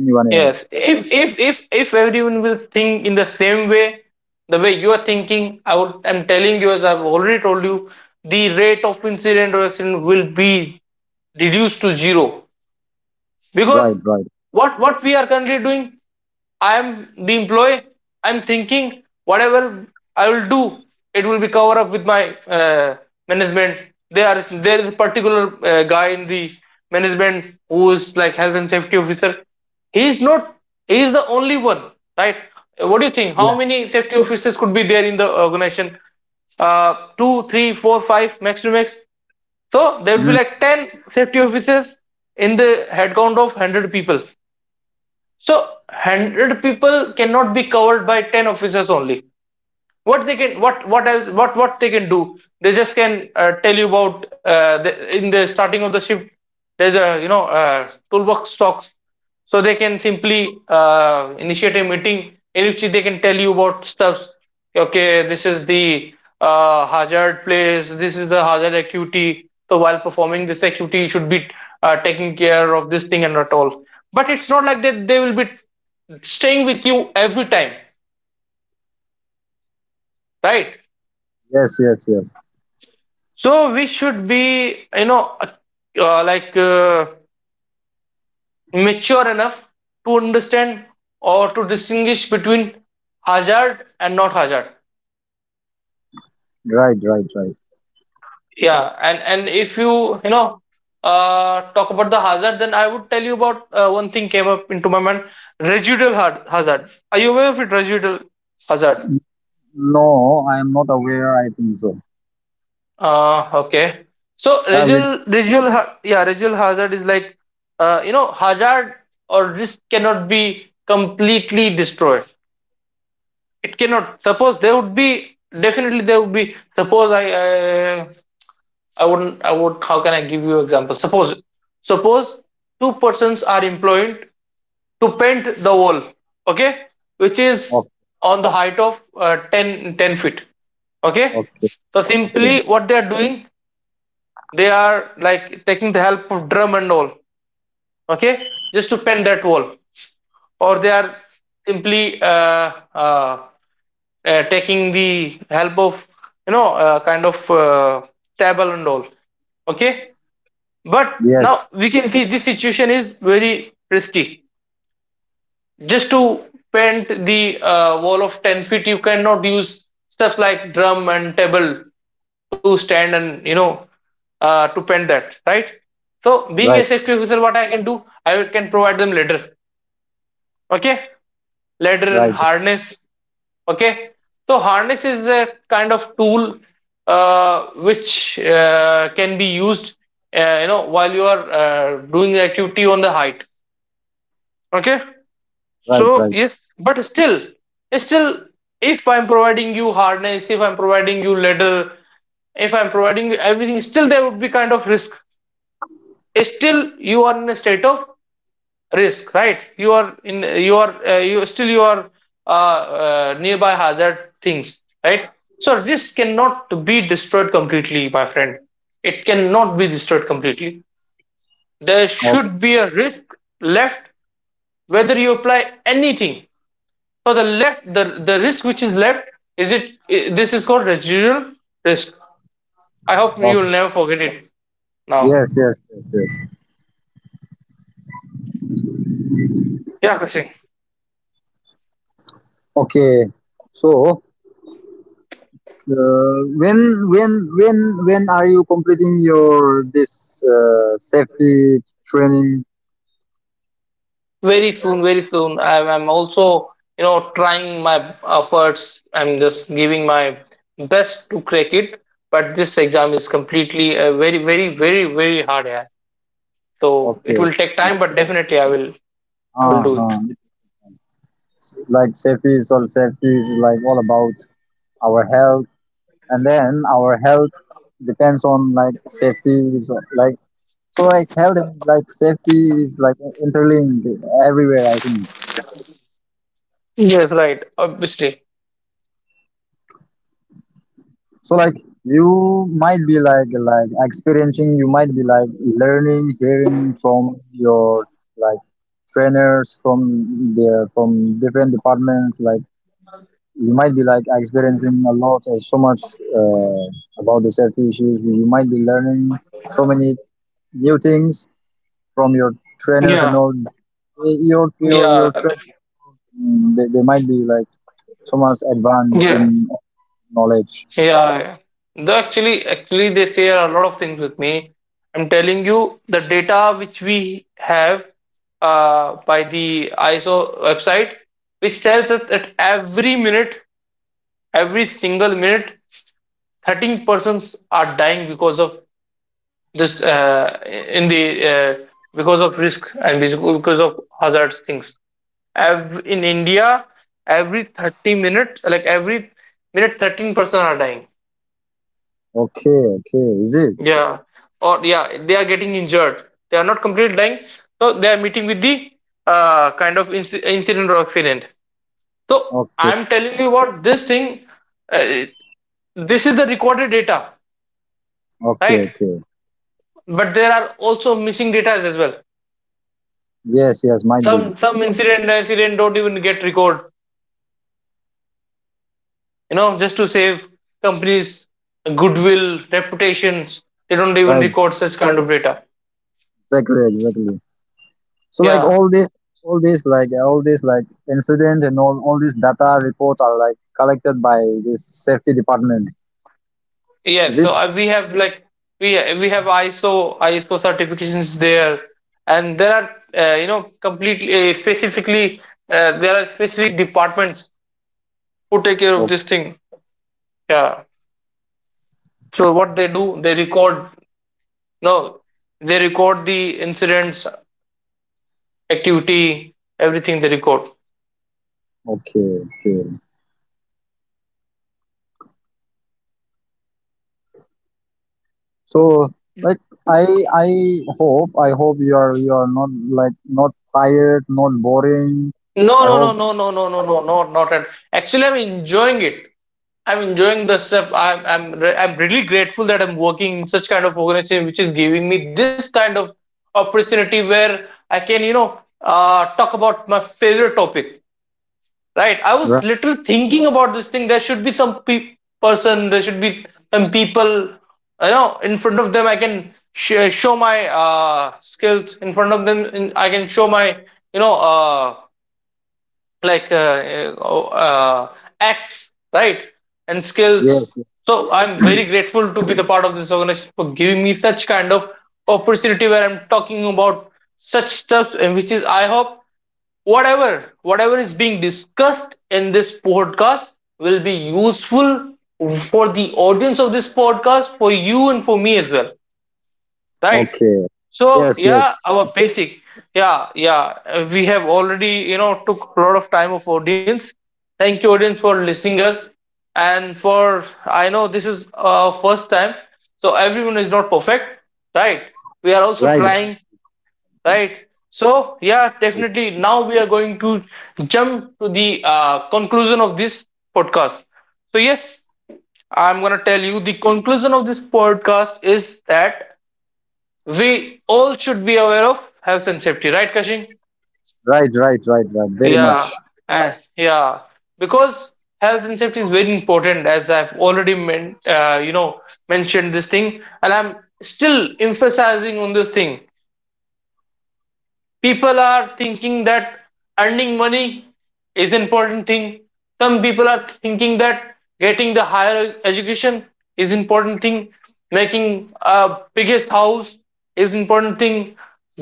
Speaker 1: anyone
Speaker 2: Yes,
Speaker 1: else.
Speaker 2: if if if if everyone will think in the same way, the way you are thinking, I would, I'm telling you as I've already told you, the rate of incident or accident will be reduced to zero. Because
Speaker 1: Right, right.
Speaker 2: what what we are currently doing, I'm the employee. I'm thinking whatever I will do, it will be covered up with my uh, management. There are there is a particular uh, guy in the management who is like health and safety officer. He is not. He is the only one, right? What do you think? How
Speaker 1: Yes.
Speaker 2: many safety officers could be there in the organization? Uh, two, three, four, five, max to max. So there would be
Speaker 1: Mhm.
Speaker 2: like ten safety officers in the headcount of one hundred people. So one hundred people cannot be covered by ten officers only. What they can what what else what what they can do they just can uh, tell you about uh, the, in the starting of the shift. There's a, you know, uh, toolbox talks, so they can simply uh, initiate a meeting in which they can tell you about stuff. Okay, this is the uh, hazard place, this is the hazard activity, so while performing this activity you should be uh, taking care of this thing and not all. But it's not like that they will be staying with you every time, right?
Speaker 1: Yes, yes, yes.
Speaker 2: So we should be, you know, uh, like uh, mature enough to understand or to distinguish between hazard and not hazard.
Speaker 1: Right, right, right.
Speaker 2: Yeah, and and if you, you know, uh, talk about the hazard, then I would tell you about uh, one thing came up into my mind: residual ha- hazard. Are you aware of it? Residual hazard.
Speaker 1: No, I am not aware. I think so.
Speaker 2: Uh, okay. So
Speaker 1: Ah, you.
Speaker 2: residual, residual, ha- yeah, residual hazard is like, uh, you know, hazard or risk cannot be completely destroyed. It cannot. Suppose there would be definitely there would be. Suppose I, I, I wouldn't. I would. How can I give you example? Suppose, suppose two persons are employed to paint the wall. Okay, which is
Speaker 1: Okay.
Speaker 2: on the height of uh, ten, ten feet. Okay,
Speaker 1: Okay.
Speaker 2: so
Speaker 1: Okay.
Speaker 2: simply what they are doing, they are like taking the help of drum and all, okay, just to pen that wall. Or they are simply uh, uh, uh, taking the help of, you know, uh, kind of uh, table and all, okay. But
Speaker 1: Yes.
Speaker 2: now we can see this situation is very risky. Just to paint the uh, wall of ten feet, you cannot use stuff like drum and table to stand and, you know, uh, to paint that, right? So being a
Speaker 1: Right.
Speaker 2: safety officer, what I can do, I can provide them ladder, okay, ladder and
Speaker 1: Right.
Speaker 2: harness, okay. So harness is a kind of tool uh, which uh, can be used, uh, you know, while you are uh, doing the activity on the height, okay.
Speaker 1: Right.
Speaker 2: So
Speaker 1: Right.
Speaker 2: yes, but still, still, if I'm providing you harness, if I'm providing you ladder, if I'm providing you everything, still there would be kind of risk. Still, you are in a state of risk, right? You are in, you are, uh, you still you are uh, uh, nearby hazard things, right? So risk cannot be destroyed completely, my friend. It cannot be destroyed completely. There
Speaker 1: Okay.
Speaker 2: should be a risk left whether you apply anything. So the left, the the risk which is left is it. i- this is called residual risk. I hope you
Speaker 1: Okay.
Speaker 2: will never forget it. Now,
Speaker 1: Yes. Yes. Yes. Yes.
Speaker 2: yeah, Kasing.
Speaker 1: Okay. So, uh, when when when when are you completing your this uh, safety training?
Speaker 2: Very soon, very soon. I'm, I'm also, you know, trying my efforts. I'm just giving my best to crack it. But this exam is completely uh, very, very, very, very hard. Yeah. So it
Speaker 1: Okay.
Speaker 2: will take time, but definitely I will, I will
Speaker 1: Uh
Speaker 2: do it.
Speaker 1: huh. Like safety is all safety is like all about our health, and then our health depends on like safety is like so like health and like safety is like interlinked everywhere. I think.
Speaker 2: Yes, right. Obviously.
Speaker 1: So like you might be like like experiencing you might be like learning hearing from your like trainers from their from different departments like you might be like experiencing a lot or so much uh, about the safety issues you might be learning so many new things from your trainers and
Speaker 2: Yeah.
Speaker 1: all. Eh, your your your
Speaker 2: Yeah.
Speaker 1: tra- they, they might be like so much advanced
Speaker 2: Yeah.
Speaker 1: in knowledge.
Speaker 2: Yeah, they actually actually they share a lot of things with me. I'm telling you the data which we have uh, by the I S O website, which tells us that every minute, every single minute, thirteen persons are dying because of this uh, in the uh, because of risk and because of hazards things. Ev In India, every thirty minutes, like every minute, thirteen persons are dying.
Speaker 1: Okay, okay, is it?
Speaker 2: Yeah, or yeah, they are getting injured. They are not completely dying, so they are meeting with the uh, kind of inc incident or accident. So
Speaker 1: Okay.
Speaker 2: I'm telling you what this thing. Uh, this is the recorded data,
Speaker 1: Okay,
Speaker 2: right?
Speaker 1: okay.
Speaker 2: But there are also missing data as well.
Speaker 1: Yes, yes, might be.
Speaker 2: Some some incident incident don't even get record. You know, just to save companies' goodwill, reputations. They don't even
Speaker 1: Right.
Speaker 2: record such kind of data.
Speaker 1: Exactly, exactly. So like
Speaker 2: Yeah.
Speaker 1: all this all this like all this like incident and all all these data reports are like collected by this safety department. Is
Speaker 2: Yes,
Speaker 1: it?
Speaker 2: so uh, we have like we we have I S O I S O certifications there, and there are, uh, you know, completely uh, specifically uh, there are specific departments who take care of
Speaker 1: O-
Speaker 2: this thing. Yeah. So what they do, they record, no, they record the incidents, activity, everything they record.
Speaker 1: Okay, okay. So like I I hope I hope you are you are not like not tired, not boring.
Speaker 2: No,
Speaker 1: I
Speaker 2: no, no,
Speaker 1: hope.
Speaker 2: no, no, no, no, no, no, not at. Actually, I'm enjoying it. I'm enjoying the stuff. I'm, I'm, re- I'm really grateful that I'm working in such kind of organization which is giving me this kind of opportunity where I can, you know, uh, talk about my favorite topic. Right? I
Speaker 1: Right.
Speaker 2: was little thinking about this thing. There should be some pe- person. There should be some people. You know, in front of them, I can sh- show my uh, skills. In front of them, in, I can show my, you know. Uh, like uh, uh, uh, Acts, right, and skills.
Speaker 1: Yes.
Speaker 2: So I'm very grateful to be the part of this organization for giving me such kind of opportunity where I'm talking about such stuff, and which is, I hope, whatever whatever is being discussed in this podcast will be useful for the audience of this podcast, for you and for me as well, right?
Speaker 1: Okay.
Speaker 2: So
Speaker 1: Yes, yes.
Speaker 2: yeah, our basic yeah, yeah, uh, we have already, you know, took a lot of time of audience. Thank you audience for listening us, and for, I know, this is uh, first time, so everyone is not perfect, right? We are also
Speaker 1: Right.
Speaker 2: trying, right? So yeah, definitely now we are going to jump to the uh, conclusion of this podcast. So yes, I'm going to tell you, the conclusion of this podcast is that we all should be aware of health and safety, right, Kashing?
Speaker 1: Right, right, right, right. Right. Very
Speaker 2: Yeah,
Speaker 1: much.
Speaker 2: and yeah, because health and safety is very important, as I've already men- uh, you know mentioned this thing, and I'm still emphasizing on this thing. People are thinking that earning money is an important thing. Some people are thinking that getting the higher education is important thing, making a biggest house is important thing,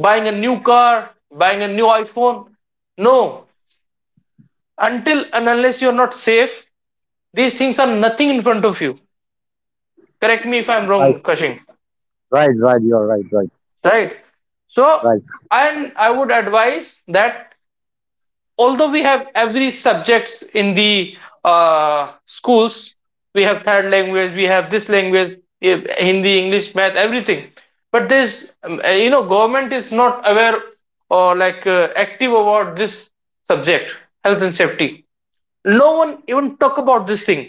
Speaker 2: buying a new car, buying a new iPhone. No, until and unless you're not safe, these things are nothing in front of you. Correct me if I'm wrong,
Speaker 1: Right,
Speaker 2: Kashing?
Speaker 1: right, right. You are right, right,
Speaker 2: Right. So
Speaker 1: right.
Speaker 2: and I would advise that although we have every subjects in the uh, schools, we have third language, we have this language, we have Hindi, English, math, everything, but this um, uh, you know government is not aware or like uh, active about this subject, health and safety. No one even talk about this thing,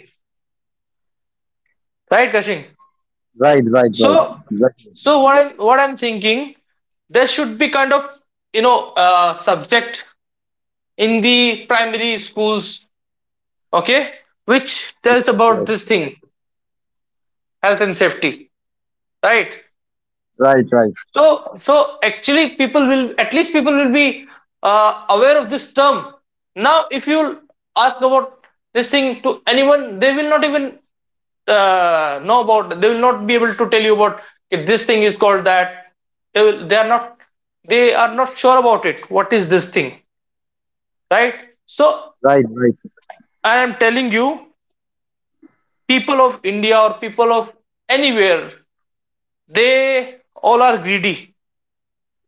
Speaker 2: right, Kashing?
Speaker 1: Right, right, right.
Speaker 2: so
Speaker 1: Exactly.
Speaker 2: so what i'm what i'm thinking, there should be kind of, you know uh, subject in the primary schools, okay, which tells
Speaker 1: Yes,
Speaker 2: about
Speaker 1: yes.
Speaker 2: this thing, health and safety, right?
Speaker 1: Right, right,
Speaker 2: So so actually people will, at least people will be uh, aware of this term. Now if you ask about this thing to anyone, they will not even uh, know about, they will not be able to tell you about, "Okay, this thing is called that." They will, they are not, they are not sure about it, what is this thing, right? So
Speaker 1: right, right,
Speaker 2: I am telling you, people of India or people of anywhere, they all are greedy,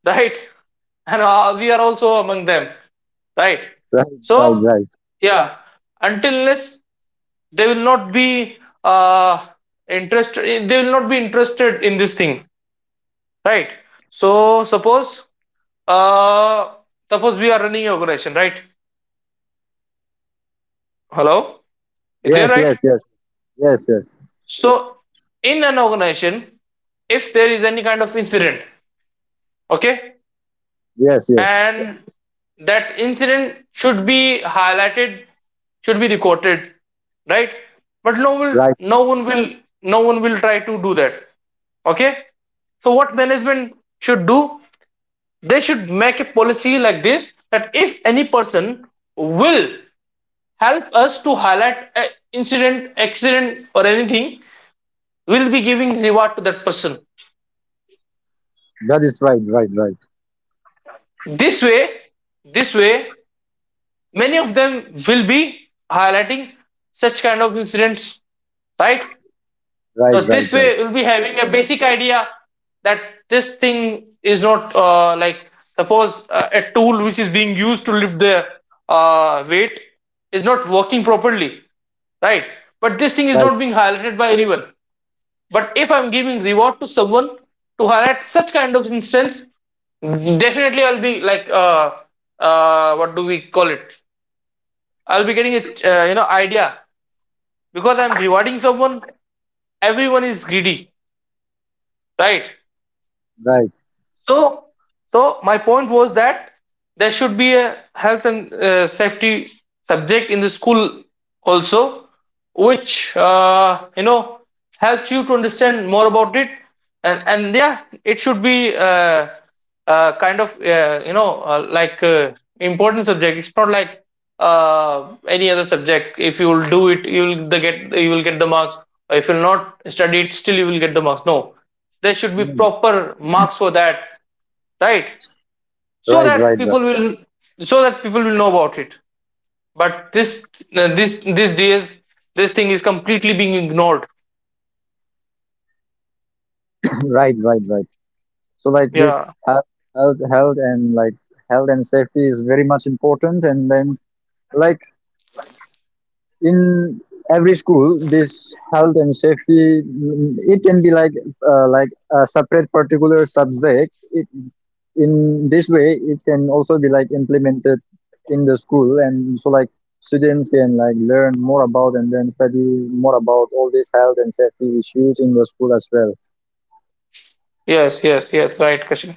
Speaker 2: right? And uh, we are also among them, right?
Speaker 1: right,
Speaker 2: So
Speaker 1: right, right.
Speaker 2: yeah, until unless they will not be uh interested, they will not be interested in this thing, right? So suppose, uh suppose we are running an organization, right? Hello, is there,
Speaker 1: Yes,
Speaker 2: right?
Speaker 1: yes, yes, yes, yes,
Speaker 2: So in an organization, if there is any kind of incident, okay,
Speaker 1: yes, yes.
Speaker 2: and that incident should be highlighted, should be recorded, right? But no will,
Speaker 1: Right.
Speaker 2: no one will, no one will try to do that, okay? So what management should do, they should make a policy like this, that if any person will help us to highlight an incident, accident or anything, we'll be giving reward to that person.
Speaker 1: That is right, right, right,
Speaker 2: This way, this way many of them will be highlighting such kind of incidents, right?
Speaker 1: right,
Speaker 2: So
Speaker 1: right,
Speaker 2: this way we'll be having a basic idea, that this thing is not uh, like, suppose uh, a tool which is being used to lift the uh, weight is not working properly, right? But this thing is
Speaker 1: right, right,
Speaker 2: not being highlighted by anyone. But if I'm giving reward to someone to highlight such kind of instance, definitely I'll be like uh, uh, what do we call it, I'll be getting a uh, you know idea, because I'm rewarding someone. Everyone is greedy, right?
Speaker 1: right.
Speaker 2: So, so my point was that there should be a health and uh, safety subject in the school also, which uh, you know helps you to understand more about it, and and yeah, it should be uh, uh, kind of uh, you know uh, like uh, important subject. It's not like uh, any other subject. If you will do it, you will the get you will get the marks. If you will not study it, still you will get the marks. No, there should be
Speaker 1: Mm.
Speaker 2: proper marks for that, right? So
Speaker 1: Right,
Speaker 2: that
Speaker 1: right, right.
Speaker 2: people will, so that people will know about it. But this uh, this these days this thing is completely being ignored.
Speaker 1: Right, right, right. So like this
Speaker 2: Yeah.
Speaker 1: health, health, health, and like health and safety is very much important. And then like in every school, this health and safety, mm, it can be like uh, like a separate particular subject. It in this way it can also be like implemented in the school and so like students can like learn more about and then study more about all these health and safety issues in the school as well.
Speaker 2: Yes, yes, yes, right, Kashin.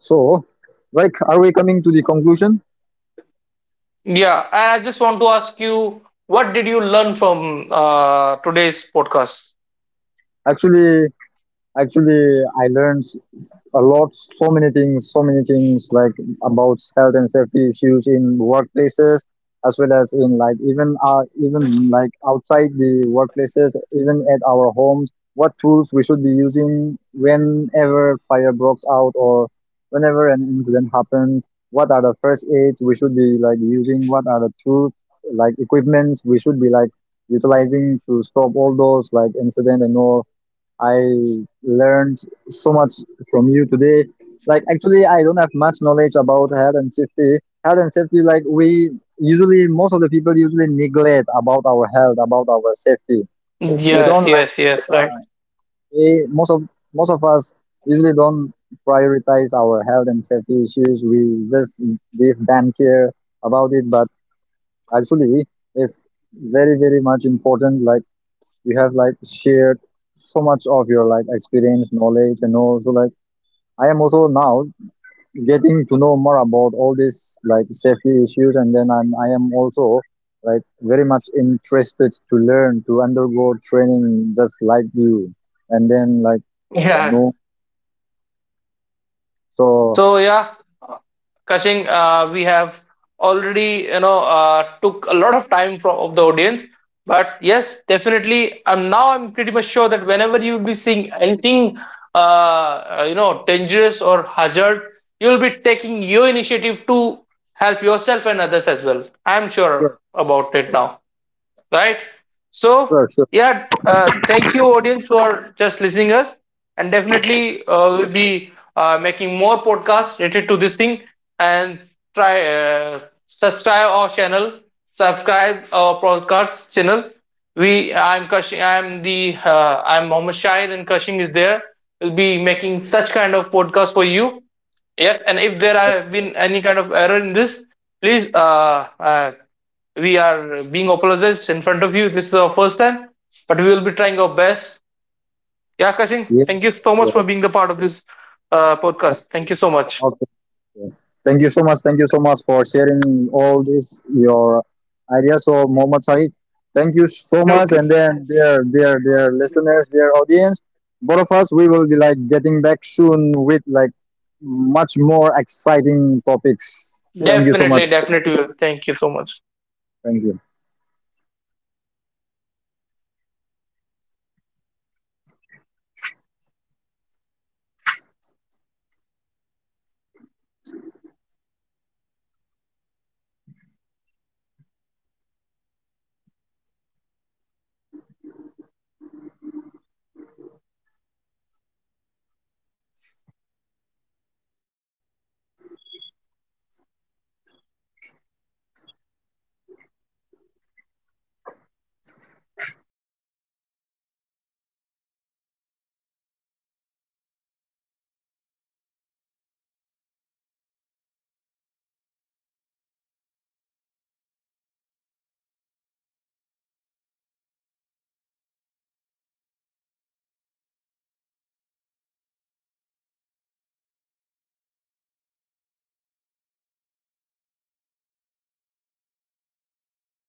Speaker 1: So like are we coming to the conclusion,
Speaker 2: Yeah, and I just want to ask you, what did you learn from uh, today's podcast?
Speaker 1: actually? Actually, I learned a lot, so many things, so many things like about health and safety issues in workplaces, as well as in like even uh, even like outside the workplaces, even at our homes, what tools we should be using whenever fire breaks out or whenever an incident happens. What are the first aids we should be like using? What are the tools like equipments we should be like utilizing to stop all those like incident and all. I learned so much from you today. Like actually, I don't have much knowledge about health and safety. Health and safety, like we usually, most of the people usually neglect about our health, about our safety. They don't
Speaker 2: Yes,
Speaker 1: like
Speaker 2: yes, yes, right.
Speaker 1: we, most of most of us usually don't prioritize our health and safety issues. We just give damn care about it, but actually, it's very very much important. Like you have like shared so much of your like experience, knowledge, and also like I am also now getting to know more about all these like safety issues, and then I'm I am also like very much interested to learn to undergo training just like you, and then like
Speaker 2: Yeah,
Speaker 1: no, so
Speaker 2: so yeah, Kashing, uh, we have already, you know uh, took a lot of time from of the audience, but yes, definitely. I'm now, I'm pretty much sure that whenever you will be seeing anything uh, uh, you know dangerous or hazard, you will be taking your initiative to help yourself and others as well. I'm sure
Speaker 1: sure,
Speaker 2: about it now, right? So
Speaker 1: sure, sure,
Speaker 2: yeah, uh, thank you audience for just listening us, and definitely uh, we'll be uh, making more podcasts related to this thing, and try uh, subscribe our channel, subscribe our podcast channel. We I'm Kashing, I'm the uh, I'm Mohammed Shahid and Kashing is there. We'll be making such kind of podcast for you. Yes, and if there
Speaker 1: sure.
Speaker 2: have been any kind of error in this, please, uh, uh, we are being apologized in front of you. This is our first time, but we will be trying our best. Yeah, Kashin, thank
Speaker 1: Yes,
Speaker 2: you
Speaker 1: yes,
Speaker 2: so much for
Speaker 1: yes.
Speaker 2: being the part of this uh, podcast. Thank you so much.
Speaker 1: Yes. Thank you so much. Thank you so much for sharing all this your ideas. So Muhammad Saeed, thank you so much.
Speaker 2: Okay.
Speaker 1: And then their their their listeners, their audience, both of us, we will be like getting back soon with like much more exciting topics. Thank you so much.
Speaker 2: Definitely, definitely. Thank you so much.
Speaker 1: Thank you.